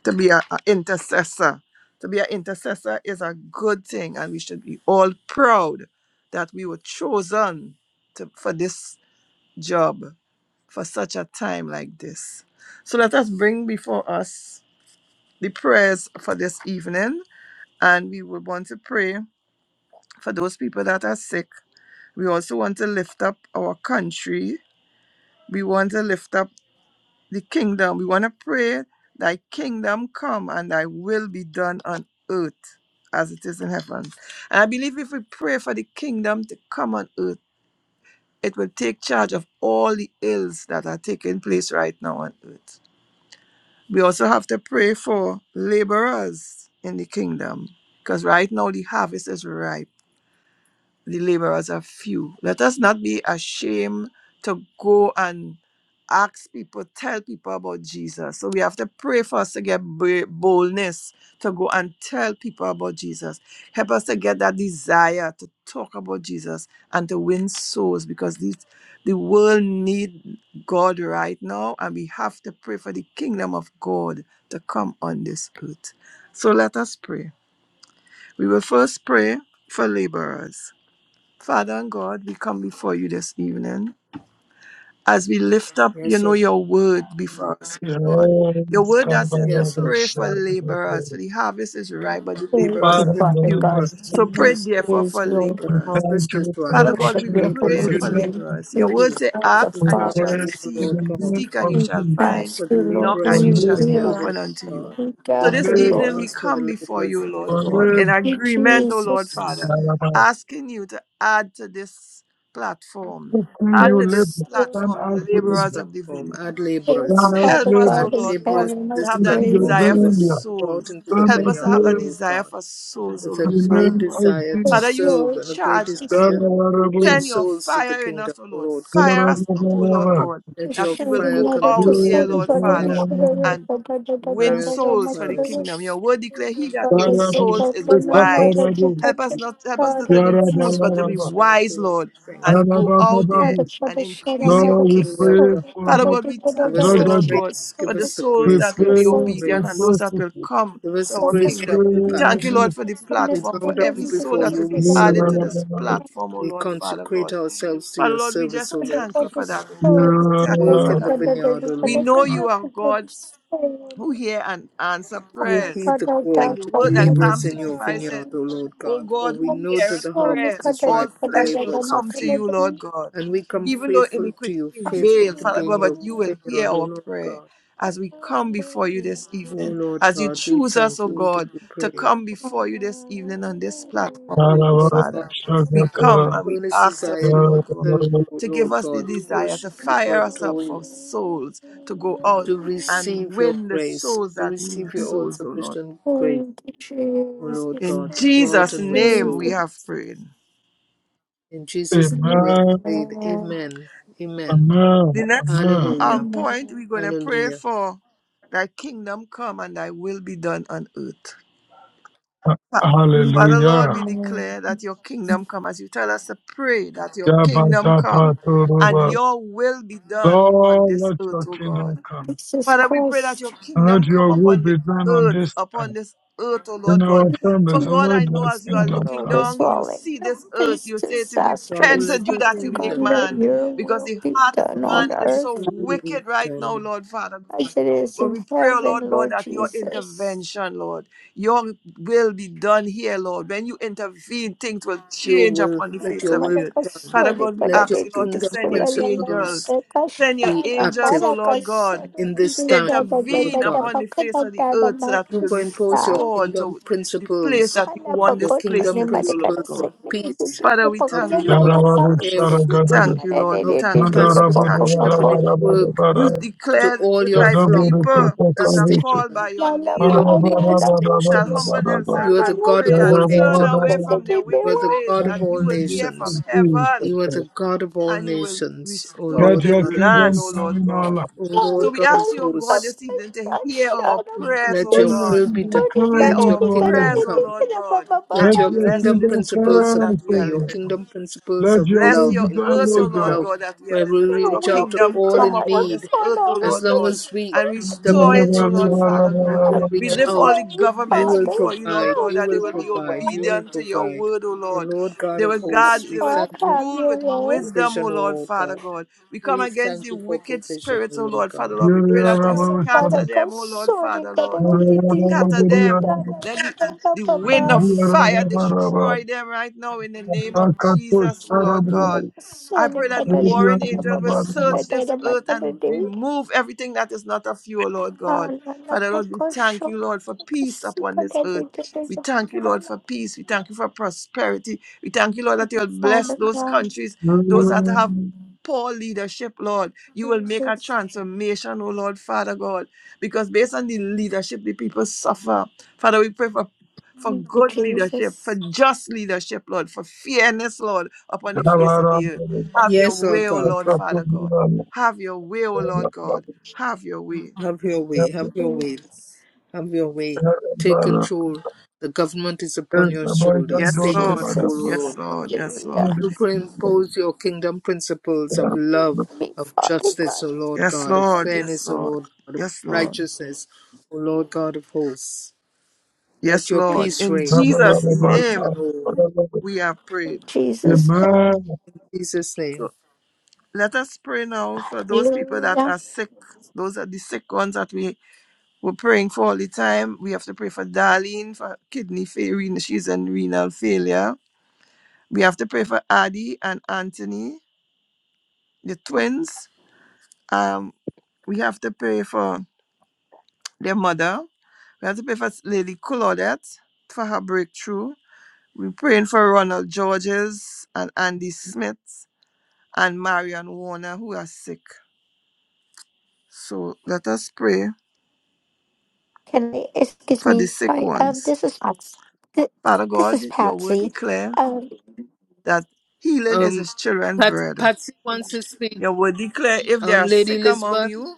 C: to be an intercessor. To be an intercessor is a good thing, and we should be all proud that we were chosen to, for this job, for such a time like this. So let us bring before us the prayers for this evening, and we will want to pray for those people that are sick. We also want to lift up our country. We want to lift up the kingdom. We want to pray, Thy kingdom come and Thy will be done on earth as it is in heaven. And I believe if we pray for the kingdom to come on earth, it will take charge of all the ills that are taking place right now on earth. We also have to pray for laborers in the kingdom because right now the harvest is ripe the laborers are few. Let us not be ashamed to go and ask people, tell people about Jesus. So we have to pray for us to get ba- boldness to go and tell people about Jesus. Help us to get that desire to talk about Jesus and to win souls because these, the world need God right now and we have to pray for the kingdom of God to come on this earth. So let us pray. We will first pray for laborers. Father and God, we come before you this evening as we lift up,
A: Yes,
C: you know,
A: sir.
C: your word before us, God. Your
D: Yes,
C: word that says to
A: Yes,
D: Kabbalah,
A: sir.
C: pray for laborers, for
D: Shabbat,
C: the harvest is ripe, but the
G: Thank
A: We
C: laborers
D: Father,
G: you,
C: are
A: pray
D: in the
G: Father
A: for
C: few.
G: God.
D: name
C: So
D: of
G: Heaven
C: pray,
A: Because
C: therefore,
G: praise
C: for
G: Lord.
A: the
D: We
C: laborers.
D: thank
A: harvest is
D: you for
A: ripe,
D: the
C: Father God,
G: Worship
C: we
A: the
G: your
D: opportunity
A: laborers
G: holy
C: pray
A: are
C: for
D: given
G: name.
D: us
C: laborers. Your
G: You
C: word
A: few.
C: says,
G: are the
C: Ask
A: We
D: to
C: and
A: cry
C: you
G: Father.
C: shall
A: to
D: serve
A: you,
D: in
C: receive,
A: Lord
D: the
A: God.
D: name
C: seek and
D: of
C: you
G: We
C: shall
D: Jesus.
C: find,
G: ask
A: for the
G: you, Lord,
C: knock
G: and
D: For
A: laborers
C: and
A: for
C: you
G: you
C: shall
A: the
C: be
D: labor,
G: hear
A: vineyard, O
C: opened
G: us.
C: unto you.
A: God.
G: We
C: So
D: for
C: this
G: gather,
D: labor,
A: We
C: evening
G: Lord.
C: we
A: ask for
C: come
A: the
C: before
A: laborers
C: you,
A: for
C: Lord
A: the
D: for
C: God, in
A: vineyard
D: labor,
G: You,
C: agreement, O Lord Father,
G: Jesus.
D: Alaba.
C: asking you to add to this platform,
D: Who can
C: add
D: you
C: to this
G: Yes,
D: labor?
G: Lord.
D: Turn
C: platform,
D: us
A: to this
C: laborers
D: labor,
C: of the
A: platform. Add
C: vineyard.
G: Yes,
D: turn
A: laborers.
D: us
G: Father
C: Help us, O
A: Add
G: God in
C: Lord
D: laborers
C: God,
A: laborers to
G: heaven, I
C: to
A: this
C: have that
D: into the
A: platform
G: praise
C: desire
A: so
G: you.
C: for
A: that we
D: vineyard.
A: can go out
C: souls.
A: into the
D: Turn
C: Help
D: us
C: us to
A: vineyard, O
C: have that
D: labor
A: Lord
C: desire
A: God,
C: for souls, O
A: with
D: in
A: a
C: Lord
D: the
A: great
C: Father
D: name
C: God.
D: of
A: desire to
D: Jesus.
C: Father,
G: Yes,
C: you
A: serve
G: Lord.
A: and a great
C: charge us.
A: desire
D: Alaba,
A: to win
D: Alaba,
C: Send your
A: souls to the
C: fire in
A: kingdom,
C: us, O
A: O
C: Lord.
A: Lord God.
C: Fire us up, O Lord
D: Alaba.
C: God,
A: Let
C: that
G: Thank
A: your
C: we
G: you.
C: will
A: fire
C: go
A: come
C: out
A: into us.
C: dear
A: Let
D: Yes,
C: Lord
A: your fire
C: Father,
A: come into us.
D: Alaba.
C: and win
A: Fire us up,
C: souls for the
A: fire us up.
C: kingdom. Your word declare he that
A: All the
C: wins
D: Alaba,
C: souls is
A: strength,
D: It's not
A: strength,
C: wise.
D: Alaba,
A: strength.
C: Help us not help us not to
A: Give us
C: be
A: strength,
C: fools, but to
A: give
C: be
A: us
D: Alaba.
A: strength,
C: wise,
A: give us
C: Lord,
D: Alaba,
A: strength.
C: and go
D: Alaba,
C: out there
D: Alaba.
C: and increase your
D: Lord, we
A: Oh Lord
C: kingdom.
D: pray
A: God,
D: for
C: Father
D: the
C: God, we
A: give
C: thank
A: us
C: you,
D: drug
C: O
A: the
C: Lord
D: addict.
C: God,
A: grace,
C: for
A: give
C: the
A: us the
C: souls
D: We
A: grace,
C: that will
A: give
D: pray
C: be
A: us the
D: for
C: obedient and
A: grace,
C: those that will
D: prostitutes.
C: come
A: give us
C: to
A: the
C: our
D: We
A: grace for
D: pray
C: kingdom. We
D: for
C: thank you,
A: impact.
D: Jesus.
C: Lord, for the
A: We
C: platform,
A: bow
C: for
A: down
C: every soul
A: before
C: that
A: you,
C: will
A: we
C: be added to
A: surrender.
C: this
D: Yeah,
C: platform, oh
A: We
C: Lord, Father
A: consecrate
C: God.
A: ourselves to
C: Father,
A: your
C: Lord, we
A: service,
C: just
A: O Lord
C: thank you
A: God,
C: for that, oh
A: and
C: Lord. We thank you
A: work
C: for
D: yeah.
A: in the
C: that, oh Lord.
A: vineyard, O
C: We
A: Lord
C: know
A: God.
C: you are God who hear and answer
A: We
G: Like
C: prayers.
A: heed the
G: a
C: Like
A: call
G: dark
C: the
A: to
C: word
A: be
C: that
G: focus.
C: Psalm
A: laborers
D: Mm.
A: in your
C: 65
G: Thank
C: said.
A: vineyard,
G: you,
A: O Lord
C: O
A: God, for
C: God,
A: we
C: who
A: know that
C: heareth
G: Jesus.
A: the harvest
C: prayers,
A: is
G: Thank
A: ripe,
C: all
A: the
C: flesh will
A: laborers are
C: come to
A: few.
C: you, Lord God.
A: And we come
C: Even though
A: faithful to
C: iniquity
A: you, faithful
C: prevail,
A: to
C: Father
A: be in
C: God,
A: your
C: but you will hear
A: vineyard, O
C: our
A: Lord God.
C: prayer as we come before you this
A: O
C: evening.
A: Lord
C: As you
A: God, we
C: choose us,
A: thank
C: O
A: you. We give
C: God,
A: you
C: to
A: praise.
C: come before you this evening on this platform, O
A: O
C: Lord
A: Lord
D: Tarabara,
A: God,
C: Father. We
A: our
C: come
D: shakatara,
C: and we
A: earnest
C: ask of
A: desire to
C: you, Lord God,
A: serve
D: yarabara.
A: you, O
C: to
A: Lord
C: give us the
A: God, to
C: desire to
A: worship you, to
C: fire us up
A: adore
C: for
A: you,
C: souls, to go out
A: to
C: and
A: receive your
C: win the
A: grace,
C: souls
A: to
C: that need
A: receive
C: the
A: your all
C: souls, O Lord.
A: sufficient grace, O Lord
C: In
A: God, to go out
C: Jesus'
A: and win
G: you,
C: name we
A: souls.
C: have
G: Jesus.
C: prayed.
A: In Jesus' name we have
D: Amen.
A: prayed.
G: Amen.
A: Amen. Amen.
D: Amen.
C: The next
D: Amen.
C: um
A: Hallelujah.
C: point
G: Amen.
C: we're gonna pray
A: Hallelujah.
C: for thy kingdom come and thy will be done on earth. Fa- Father Lord,
D: Hallelujah.
C: we
G: Amen.
C: declare that your kingdom come as you tell us to pray that your kingdom come and
D: Yabadapatoruba.
C: your will be done on
D: Lord,
C: this
D: let
C: earth,
D: your
C: oh God.
D: kingdom come.
G: Jesus
C: Father, we pray that
G: Christ.
C: your
D: And
C: kingdom
D: let
C: come
D: your will
C: upon the
D: be done on
C: earth,
D: this earth.
C: upon this earth, oh
D: In
C: Lord
D: our
C: God. For
D: families,
G: The
C: God,
D: let
C: I know
D: your
C: as you are
D: kingdom
C: looking
G: world is
C: down,
D: come.
C: you
G: falling.
C: see
G: No,
C: this earth.
G: these
C: You say to
A: Father,
C: repent
G: disastrous
C: and
A: let
C: you
A: your
C: that
G: Father
C: you
G: God,
C: make
A: kingdom,
G: let
C: man,
G: your
C: because
G: will
C: the
G: be
C: heart of
G: done
A: Father, let
G: on
C: man is so
G: earth
A: your will be
C: wicked right now,
A: done.
C: Lord Father God.
G: as it is
C: But
G: in
C: we pray, oh
G: heaven,
C: Lord God,
G: Lord
C: that your
G: Jesus.
C: intervention, Lord, your will be done here, Lord. When you intervene, things will
A: your
C: change
A: will,
C: upon the
A: let
C: face
A: your
C: of
A: will
C: the
A: be
C: earth.
A: done.
C: Father
G: Madagasori
C: God, we
G: kada
A: Let your
C: ask you,
G: dedi
C: Lord,
G: di
C: to
A: kingdom
C: send your
G: kula la la la
C: angels.
A: principles
G: pe
C: Send your
A: be
G: kashara
C: angels,
A: active
G: mara
C: oh Lord God
A: in
G: kasori
A: this
G: da
A: time,
G: da da
A: Lord
C: intervene
G: da da
A: God.
C: upon the
G: paka
C: face
G: da
C: of the
G: da da
C: earth so that we will be
A: Superimpose your
C: restored
A: kingdom
C: to the place
A: principles,
C: that you
G: ana
C: want
A: your
C: this
G: pakota
C: place
A: kingdom
G: ne
C: to be,
G: mare
C: O
A: principles
G: kada
C: Lord
A: of
C: God.
G: di
A: peace,
G: di
C: Father, we
A: of
G: la
C: thank you,
G: la la
A: love,
C: Lord,
G: paka
C: Father.
A: caring,
C: God. We
D: Yarabadusharagadaga,
C: thank you,
G: mara
C: Lord. We
A: of
G: di di
C: thank you, Lord. We
A: pastoral
C: thank you, Lord.
A: shepherding work
D: Mandarabadabarabarabarabara,
C: You
A: to
C: declared
A: all
C: if
A: your
C: my
A: flock without
C: people that are
A: distinction.
D: Yadaburukatakabuche,
C: called by your
G: Lala
A: You don't
C: name
G: pa,
A: make
G: lala
C: shall
G: pipis
A: distinctions.
C: humble
D: Marabarabarabarabaraba,
A: You
C: themselves
A: are
G: para
A: the
C: and
A: God
C: pray
A: of
G: mupis
C: and
A: all
C: turn
G: para
A: nations.
C: away from
D: Yadabarabarabarabaraba,
C: their
A: You are
C: wicked
G: tetetewa.
A: the
C: ways,
A: God of
C: that
A: all
C: you will hear from
A: nations.
C: heaven
D: Jesus.
A: You are the God of all
C: and you will
A: nations, O
C: restore
D: Let
A: Lord
C: the
D: your
A: God of
C: land,
D: kingdom
C: O
A: hosts.
D: come
C: Lord
D: in our
C: God.
D: life.
A: O
G: Lala
A: Lord
C: So we
A: God of
C: ask
G: lala
C: you, O God,
A: hosts,
C: this
G: papay
C: evening to hear our
G: ashara
C: prayers,
A: let
C: O
D: Let
A: your
D: your
C: God.
A: will
G: petas.
A: be done.
D: kingdom
G: Ore
D: come
C: Hear
A: Let
G: para
D: in
A: your
C: our
D: our
G: tikara
A: kingdom
C: prayers,
D: life.
C: O
A: come.
C: Lord
G: tetetewa
C: God,
G: papa
A: Let
D: Let
C: and
A: your
G: papa.
D: your
C: bless
A: kingdom
C: this
D: kingdom come,
C: earth
A: principles
D: O
C: that we
A: apply,
C: are
A: your
D: God.
C: living on.
A: kingdom principles
D: Let
A: of
D: your
C: Bless
D: will
A: love,
D: be
C: your
D: done,
C: earth,
D: O
C: O
A: inclusive
C: Lord
D: God.
A: love,
C: God, that we are
A: where we
C: living. Let your
A: reach out
G: We'll
A: to
G: be
C: kingdom
A: all
C: come
A: in
G: done
C: upon this
A: need.
G: upon
C: earth, O
G: all
A: As
C: Lord
G: of
A: long
C: God,
G: us.
A: as we
C: and restore
A: submit
C: it,
A: to
C: O Lord
A: you
C: Father
A: and
C: God.
A: we
G: Have
D: Yarabarabarabarabaraba,
C: We
A: reach
G: your
C: lift all
A: out,
C: the
G: way,
A: you
C: governments
A: will
G: Father.
C: before you, Lord
A: provide,
C: God,
G: Have
A: you
C: that they
A: will
C: will be
G: your
A: provide, you
G: way.
A: will
C: obedient to your
A: provide.
C: word, O
A: O
C: Lord.
A: Lord God
C: They
A: of
C: will
G: May
C: guard,
A: hosts, we
C: they will
G: God
A: thank you
G: have
C: rule
G: your
C: with
A: for
G: way.
C: wisdom,
A: provision,
C: O
A: O
C: Lord
A: Lord
C: Father
A: God.
C: God. We come
A: We
C: against
A: thank
C: the
A: you for
C: wicked
A: provision, O
C: spirits, O
A: Lord
C: Lord Father
A: God.
C: Lord. We pray that you
G: Shara
C: scatter
G: Maraka
C: them, O Lord
G: Soni
C: Father Lord
G: Kata
C: scatter
G: Dada
C: them.
D: Yarabarabarabarabaraba,
C: Let the, the,
G: Dada Dada
C: wind
G: Bye
C: of
G: Bye.
C: fire destroy
D: Amen.
C: them right now in the name of Jesus, oh Lord God. I
G: Father
C: pray that the warring angels will search this earth and remove everything that is not of you, O Lord God. Father, Lord, we thank you, Lord, for peace upon this earth. We thank you, Lord, for peace. We thank you for prosperity. We thank you, Lord, that you'll bless those
G: God,
C: countries, those that have poor leadership, Lord. You will make a
G: Jesus,
C: transformation, O Lord, Father God because based on the leadership, the people suffer. Father, we pray for, for
G: thank you,
C: good leadership, for
G: Jesus,
C: just leadership, Lord, for fairness, Lord, upon the face of the earth. Have your
A: Yes, Lord
C: way, O
A: God,
C: Lord, Father God. Have your way, O Lord God. Have your way.
A: have your way, have your way.
G: Jesus,
A: Have your way. Take control. The government is upon your shoulders.
C: Yes,
A: Take
C: Lord.
A: control, O
G: Jesus,
A: Lord
C: Yes,
A: God.
C: Lord. Yes,
G: hallelujah.
C: Lord.
A: Superimpose your kingdom principles of love,
G: Me,
A: of
G: Father
A: justice,
G: God,
A: O Lord
C: Yes,
A: God, of
G: heaven,
C: Lord. Yes,
A: fairness, O
C: Lord.
A: Lord God, of
C: Yes, Lord.
A: righteousness, O Lord God of hosts. Let
C: Yes,
A: your
C: Lord.
A: peace
G: in
C: In
A: reign, O
C: Jesus' name,
A: Lord In
C: we have prayed.
G: Jesus' name,
A: Jesus' name.
C: So let us pray now for those people
G: hallelujah,
C: that are sick, those are the sick ones that we We're praying for all the time. We have to pray for Darlene for kidney failure. She's in renal failure. We have to pray for Addie and Anthony, the twins. Um, we have to pray for their mother. We have to pray for Lady Claudette for her breakthrough. We're praying for Ronald Georges and Andy Smith and Marion Warner who are sick. So let us pray
G: Can I, excuse
C: for the
G: me?
C: sick
G: Sorry, um,
C: ones.
G: this is Patsy. Th-
C: Father
G: this
C: God,
G: is
C: your word
G: Patsy.
C: declare.
G: Um,
C: that healing is
A: Um,
C: his children's
A: Pat,
C: bread.
A: Patsy wants to speak.
C: Your word declare if they
A: Um,
C: are
A: Lady
C: sick among
A: Elizabeth.
C: you,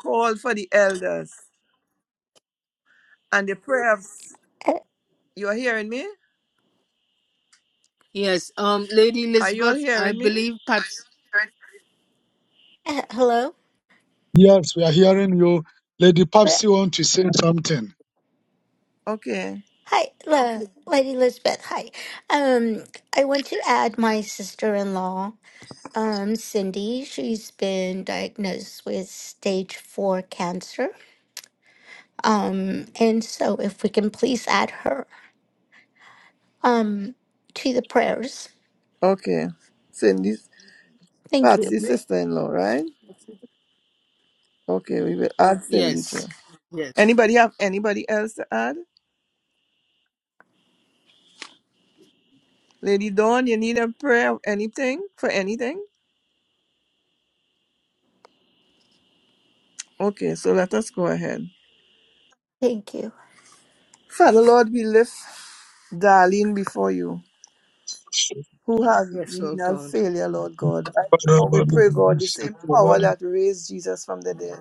C: call for the elders. And the prayer of
G: uh,
C: you are hearing me?
A: Yes. Um, Lady
C: Are you all
A: Elizabeth, I
C: hearing me?
A: believe Pat.
G: uh, hello.
D: Yes, we are hearing you. Lady Papsi want to say something.
C: Okay.
G: Hi, la- Lady Elizabeth. Hi. Um, I want to add my sister-in-law, um, Cindy. She's been diagnosed with stage four cancer. Um, and so if we can please add her, um, to the prayers.
C: Okay. Cindy's
G: Thank you.
C: Patsy's
G: Mhm.
C: sister in law, right? Okay, we will add Cindy too.
A: Yes. Yes.
C: Anybody have anybody else to add? Lady Dawn, you need a prayer of anything for anything? Okay, so let us go ahead.
G: Thank you,
C: Father Lord, we lift Darlene before you. who has
A: Yes, Lord
C: renal
A: God.
C: failure, Lord God. Right now we pray, God, the same power that raised Jesus from the dead.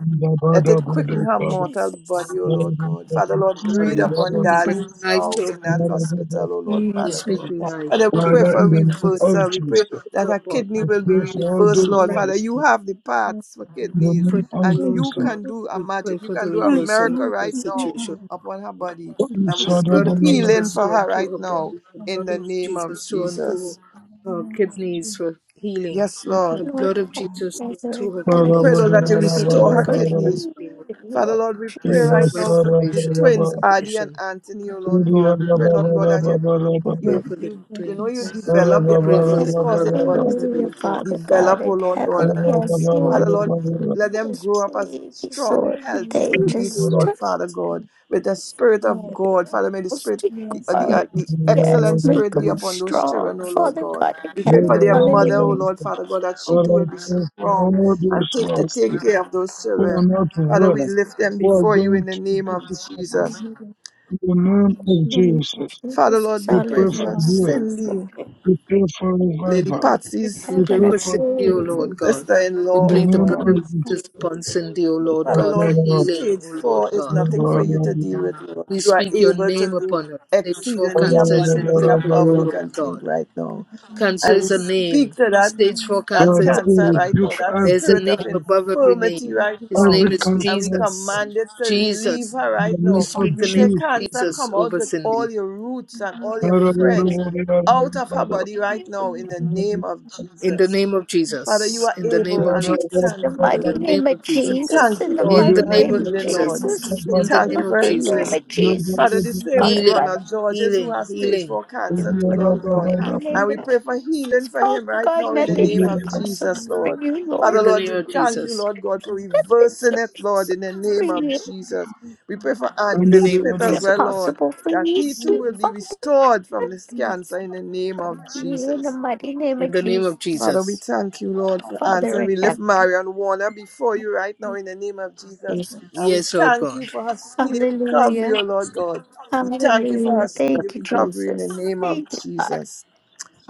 C: Let it quicken her mortal
G: Jesus.
C: body, O
D: Father,
C: Lord
D: in
C: God. Father,
D: the
C: Lord, breathe
A: body
B: Yes,
C: upon
A: and bring
C: Darlene
B: Jesus.
A: life
C: now
A: to a
C: in that
A: body.
C: hospital, O Lord,
A: We
C: Father
B: Yes,
A: speak
B: Jesus.
C: God.
B: Yes,
A: life
C: Father, we
A: to a
C: pray for
A: body.
B: Lord.
D: name
A: We speak
D: of
C: reversal. We pray
D: Jesus,
A: life
C: that
A: to a
C: her
A: body.
C: kidney
D: we
C: will be
D: pray for
A: We
D: all
A: speak
C: reversed,
D: those
C: Lord.
D: who
A: life.
D: are
C: Father, you
D: sick.
C: have the
B: Yes, Lord.
C: parts for
D: In the
C: kidneys,
A: Pray,
D: name of
A: O
C: and
A: Lord
C: you
D: Jesus,
A: God.
C: can do a
A: We pray
C: magic. You
A: for the
C: can do a
A: reversal of
C: miracle
A: the
C: right now
A: situation.
C: upon her body.
D: what we
C: And we
A: The
D: saw that
C: speak
A: blood
D: the
A: of
D: Lord,
C: healing
A: Jesus
C: for
A: to
C: her
A: unto
C: right
A: her
C: now
A: body. The
C: in
A: blood
C: the
A: of
C: name of
A: Jesus to
C: Jesus.
A: unto her kidneys for healing.
C: Yes,
B: Thank
C: Lord.
B: you,
A: The
G: Lord,
A: blood
B: Father
A: of
G: our
B: God.
A: Jesus
B: Thank
A: to
G: Father
A: unto
G: in
A: her
C: We
G: heaven,
D: Father,
G: we
C: pray,
A: kidneys
D: what
A: for
C: Lord,
D: the
C: that you
A: healing,
G: praise
D: Father,
A: O
G: you,
C: restore
G: Lord,
D: Father,
A: Lord
C: her
A: God.
G: for
D: Father,
C: kidneys.
G: you,
A: Healing, O Lord
C: Father,
G: Lord
C: Lord, we pray
D: Eva,
C: right
A: God.
C: now
G: Jesus.
C: for
D: Sarah,
C: the
A: Restoration,
C: twins,
D: Baba, Baba,
C: Adi and
A: restoration.
C: Anthony, oh Lord
B: you,
D: India,
C: God. We
D: Baba,
C: pray,
B: Father.
C: Lord God,
D: Baba,
C: that you,
D: Baba, Baba,
A: We pray
C: you,
D: Baba, Baba,
A: for the
C: you,
B: Yes,
C: you know, you
A: twins.
D: Baba, Baba, Baba, Baba,
B: Jesus.
C: develop
A: We
C: their
A: pray for
D: Baba,
C: bodies,
A: their
D: Baba,
C: cause their
A: mother,
D: Baba,
C: bodies
D: Baba.
A: O
C: to be
G: Hallelujah,
A: Lord God.
G: Father God
C: developed, oh
G: in
C: Lord
G: heaven.
D: Father,
C: God.
G: Yes, Lord,
C: Father
D: I
C: Lord, let them
G: those
C: grow up as
G: babies,
C: strong,
G: Lord,
C: healthy
B: Um,
G: they
C: babies, oh
G: just
B: yes,
C: Lord, Father God, with the Spirit of God. Father, may the Spirit,
G: most
C: the, uh,
B: yes,
C: the, uh,
G: God.
C: the
G: Yes,
C: excellent
G: make
C: Spirit be
G: them
B: yes,
C: upon those
B: yes.
G: strong,
C: children, oh Lord
G: Father
C: God.
G: God in
C: We pray
G: heaven.
C: for their
B: Confucius
C: mother, oh
G: Hallelujah.
C: Lord, Father God, that she too will be
D: pray for
C: strong
D: all
C: and
D: those
C: take
D: who
C: to
D: are sick.
C: take care of those
D: who
C: children.
D: are not
C: Father,
B: and
C: we
D: well,
C: lift them
D: We are
C: before you
D: going
C: in the
D: through
C: name of
D: difficulty.
C: Jesus.
B: religious
D: In the name of
B: issues
G: Hallelujah,
D: Jesus,
C: Father
G: Jesus,
C: Lord, we
D: we
C: pray
D: pray for
C: for
B: provided
G: hallelujah.
D: you.
C: Cindy,
D: We pray for
C: Lady
D: revival.
G: In
C: Patsy's
A: We
D: We
A: pray
G: heaven,
D: pray
G: I
A: for
D: for
A: Cindy, O
G: praise
D: something.
A: Lord God.
C: sister in
A: We
D: In
C: law,
D: the
A: plead
C: oh
A: the
D: name
A: blood
C: God.
A: of
D: of
B: is
D: Jesus,
B: cut
A: Jesus upon Cindy, O
D: we
A: Lord
C: Father
A: God,
D: pray
A: for
C: Lord,
D: for
A: healing,
C: stage
A: O Lord
C: four is
A: God.
C: nothing
B: down.
C: for you to
D: you.
C: deal with, Lord.
A: We
C: You are
A: speak your
C: able to
A: name
C: do
A: upon her. Stage 4
C: exceedingly
A: cancer is
B: Issues
C: abundantly
A: nothing
B: that
A: for you, O
C: above we can
A: Lord
C: think
A: God.
C: right now.
A: Cancer
C: And
B: religious
C: we
A: is a
B: issues
C: speak
A: name.
C: to that
A: Stage
B: and
A: 4
C: that
A: cancer
D: Father,
A: is
D: we
A: a
C: cancer
A: name.
C: right now,
D: rebuke
C: that
A: There's a
D: every
C: spirit of
A: name
D: con-
A: above every
C: infirmity
A: name.
C: right
B: religious
A: His
C: now.
D: every
A: name is
C: And we
D: countenance
A: Jesus.
C: command
D: in
C: it to leave
A: Jesus.
C: her
D: the
C: right
A: We
C: now.
D: name of
A: speak the
C: We
A: name
C: say,
A: of
D: Jesus.
C: Cancer,
A: Jesus
C: come out
A: over
C: with
A: Cindy.
C: all your roots and all your friends out of her body
G: you.
C: right now in the
B: conservativeness
C: name of
A: In the
C: Jesus.
A: name of
C: Father, you
A: Jesus.
C: are
A: In the name
C: able
A: of
C: and we
A: Jesus.
C: thank
G: the
A: In
C: you.
G: mighty
A: the name
G: name of
A: of
C: We
A: Jesus.
G: Jesus,
C: thank
G: in
C: you,
G: the
C: Lord,
A: In the
C: for
G: mighty
C: her
A: name
G: name
A: of
G: of
C: healing, Lord.
A: Jesus.
G: Jesus,
C: We
G: in
A: In the
D: Father,
G: the
C: thank
A: name
C: you
A: of
C: for her
G: mighty name
A: Jesus.
C: healing.
G: of
D: Anybody
C: Father,
D: that
C: the
G: Jesus,
D: needs
C: same
D: financial
C: with
G: Father God,
A: Healing.
C: Ronald Georges, who
A: Healing.
C: has stage
A: Healing.
C: 4
G: in the
C: cancer, too, Lord
D: breakthrough
C: God.
G: mighty name
C: And we
G: of
C: pray for healing
G: Jesus,
C: for him
G: Father
C: right
G: God,
C: now in the
G: nothing
C: name
G: is
C: of
G: impossible
C: Jesus,
G: for
C: Lord.
G: you, Lord.
C: Father,
A: In the
C: Lord,
A: name
C: we
A: of
C: thank you,
A: Jesus.
C: Lord God, for
G: Nothing's
C: reversing it, Lord, in
G: impossible
C: the
G: for
C: name of
G: you.
C: Jesus. We pray for Andy
A: In the name of
C: Smith
G: Nothing's
C: as
A: Jesus.
C: well, Lord,
G: impossible for
C: that
G: you,
C: he too
G: sweet
C: will be
G: Father.
C: restored from this
G: Nothing's
C: cancer in the name
G: impossible
C: of
G: for you, in the
C: Jesus.
G: mighty name
A: In
G: of
A: the
B: and
A: name of
G: Jesus,
C: Father, we
A: Jesus.
C: thank you, Lord, for
G: Father
C: answering.
G: in
C: We
B: spiritual
C: lift
G: heaven,
C: Marion Warner before you right now in the name of Jesus.
G: Jesus.
C: And we
A: Yes, Lord
C: thank you
A: God.
C: for her speedy
G: Hallelujah.
C: recovery, O Lord God. We thank you for her
G: Hallelujah.
C: speedy
G: Thank you,
C: recovery in the
G: Jesus.
C: name of
G: Thank you, God.
C: Jesus.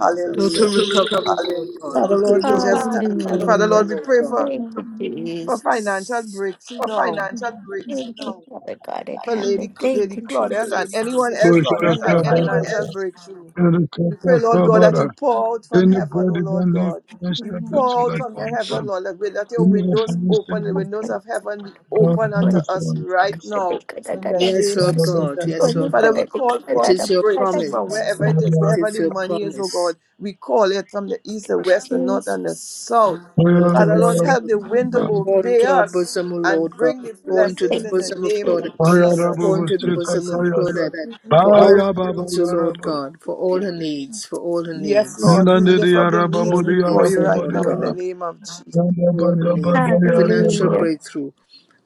H: Jesus. So
A: Total
H: to
A: recovery,
H: recover,
A: Lord
H: Hallelujah.
A: God.
C: Father,
A: We pray
C: Lord, we
H: to
A: for
H: recover.
C: just
H: Father,
A: total
C: thank you. Father,
H: Hallelujah.
A: recovery,
C: Lord,
G: Hallelujah.
C: we
A: Lord
C: pray
A: God.
C: for,
G: Thank you,
B: conservatism
C: for financial
G: Jesus.
C: breakthrough
H: For
C: now
H: financial
G: Thank you,
H: breakthrough
G: Father God in
C: for Lady,
G: heaven.
C: Cl-
B: issues
G: Thank
C: Lady
G: you,
B: is
H: for
C: Claudette
G: Jesus.
B: not
C: and
H: Lady,
C: anyone
H: Lady
C: else in need
H: Claudette
C: of
H: and anyone
C: financial
H: else
C: breakthrough. We pray, Lord God, that you pour out from heaven, O Lord God. You
B: doing any
C: pour out
D: like
C: from your heaven,
B: religious
D: quantum,
C: Lord. Let let
D: you
C: your
D: need a
C: windows
B: material
C: open,
D: financial
C: the windows
D: breakthrough.
C: of heaven be
D: Uh,
C: open unto
D: no
C: us right
D: finances.
C: now in the
A: Yes,
C: name of
A: Lord God.
C: Jesus.
A: Yes, Lord
C: Father, we
A: God.
C: call
A: It
C: forth
A: is
C: the
A: your
C: breakthrough from
A: promise.
C: wherever it is,
A: It
C: wherever
A: is
C: the
A: your
C: money is, O
A: promise.
C: God. We call it from the east, the west, the north, and the
G: Jesus.
C: south.
A: north and
C: Father,
A: the
C: Lord, help
A: south,
C: the wind to
A: and pour
C: obey
A: into our
C: us
A: bosom, O Lord
C: and
A: God.
C: bring the
A: Pour
G: Lord,
A: into the
C: blessings
G: thank
C: in the
G: you,
A: bosom of
C: name of
A: Claudette.
G: Jesus.
A: Pour
C: Jesus.
D: Ayarabu
A: into the bosom of
D: Sikataya.
A: Claudette for all her
D: Baya Baba
A: needs, O Lord
D: Yarabu.
A: God. For all her needs, for all her
C: Yes,
A: needs,
C: Lord, we lift
D: Nilandiri
C: up the
A: for
C: needs
A: all her
C: before
A: needs,
C: you
D: Yarabu
A: O
C: right
A: Lord
C: now in the
A: God.
C: name of Jesus.
D: Hallelujah,
A: For all her needs. Financial
G: Hallelujah.
A: breakthrough.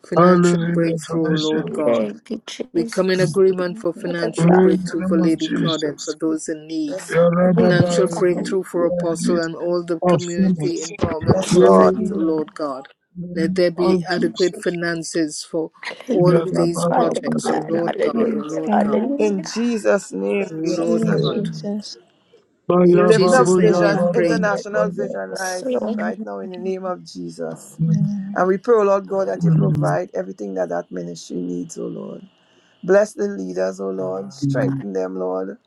A: Financial
B: and
A: breakthrough, O
D: fellowship
A: Lord
D: with you.
A: God.
G: Thank you,
A: We come in
G: Jesus.
D: In
A: agreement for
B: workers
G: Father
B: that are
A: financial
G: God.
D: the
A: breakthrough for
D: name of
A: Lady
B: classification
A: Claudette, for
D: Jesus,
B: of
A: those in need,
C: Yes,
B: the
A: financial
D: Yarababa,
B: refugees.
D: those
A: breakthrough for
D: who are in
A: Apostle
D: need
A: and all the
D: of
A: community
D: fullness.
A: empowerment
C: yes,
D: Yeah,
C: Lord.
A: projects, O
D: in
A: Lord God.
D: the
A: Let
D: name
A: there be
D: of
A: adequate
D: Jesus,
A: finances for all of
G: Hallelujah,
A: these
D: Yarababa,
G: Father
A: projects, O
G: God.
D: Yarababa.
A: Lord God, O
B: Yes,
G: Hallelujah,
A: Lord God,
B: God.
C: In
G: hallelujah.
C: Jesus' name
A: O
H: in
C: we have
A: Lord
H: Jesus,
B: Yes,
C: prayed.
A: God.
B: Jesus.
C: We
A: In
D: Baya,
C: lift up
B: Yes,
A: Jesus'
D: babu,
A: name
B: Lord
A: we
C: Vision,
A: have
B: God.
D: yababa,
A: prayed.
C: International
D: yababa.
C: Vision
G: Yes,
C: Life
G: Lord
C: right
B: Hallelujah.
C: now in the name of Jesus.
D: Mm,
B: Hallelujah.
C: And we pray, O Lord God, that you
D: mm,
C: provide everything that that ministry needs, O Lord. Bless the leaders, O Lord.
D: mm.
G: God.
C: Strengthen them, Lord.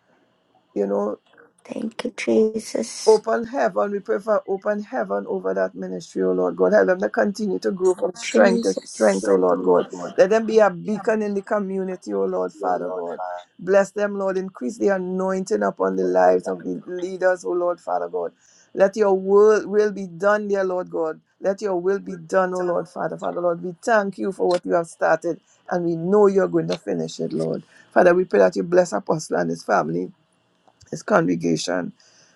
C: You know,
G: Thank you, Jesus.
C: Open heaven. We pray for open heaven over that ministry, O Lord God. Help them to continue to grow from strength to strength,
G: Jesus.
C: O Lord God. Let them be a beacon in the community, O Lord,
H: oh
C: Father
H: Lord.
C: God. Bless them, Lord. Increase the anointing upon the lives of the leaders, O Lord, Father God. Let your will, will be done, dear Lord God. Let your will be done, O Lord, Father. Father, Lord, we thank you for what you have started, and we know you're going to finish it, Lord. Father, we pray that you bless Apostle and his family. His congregation.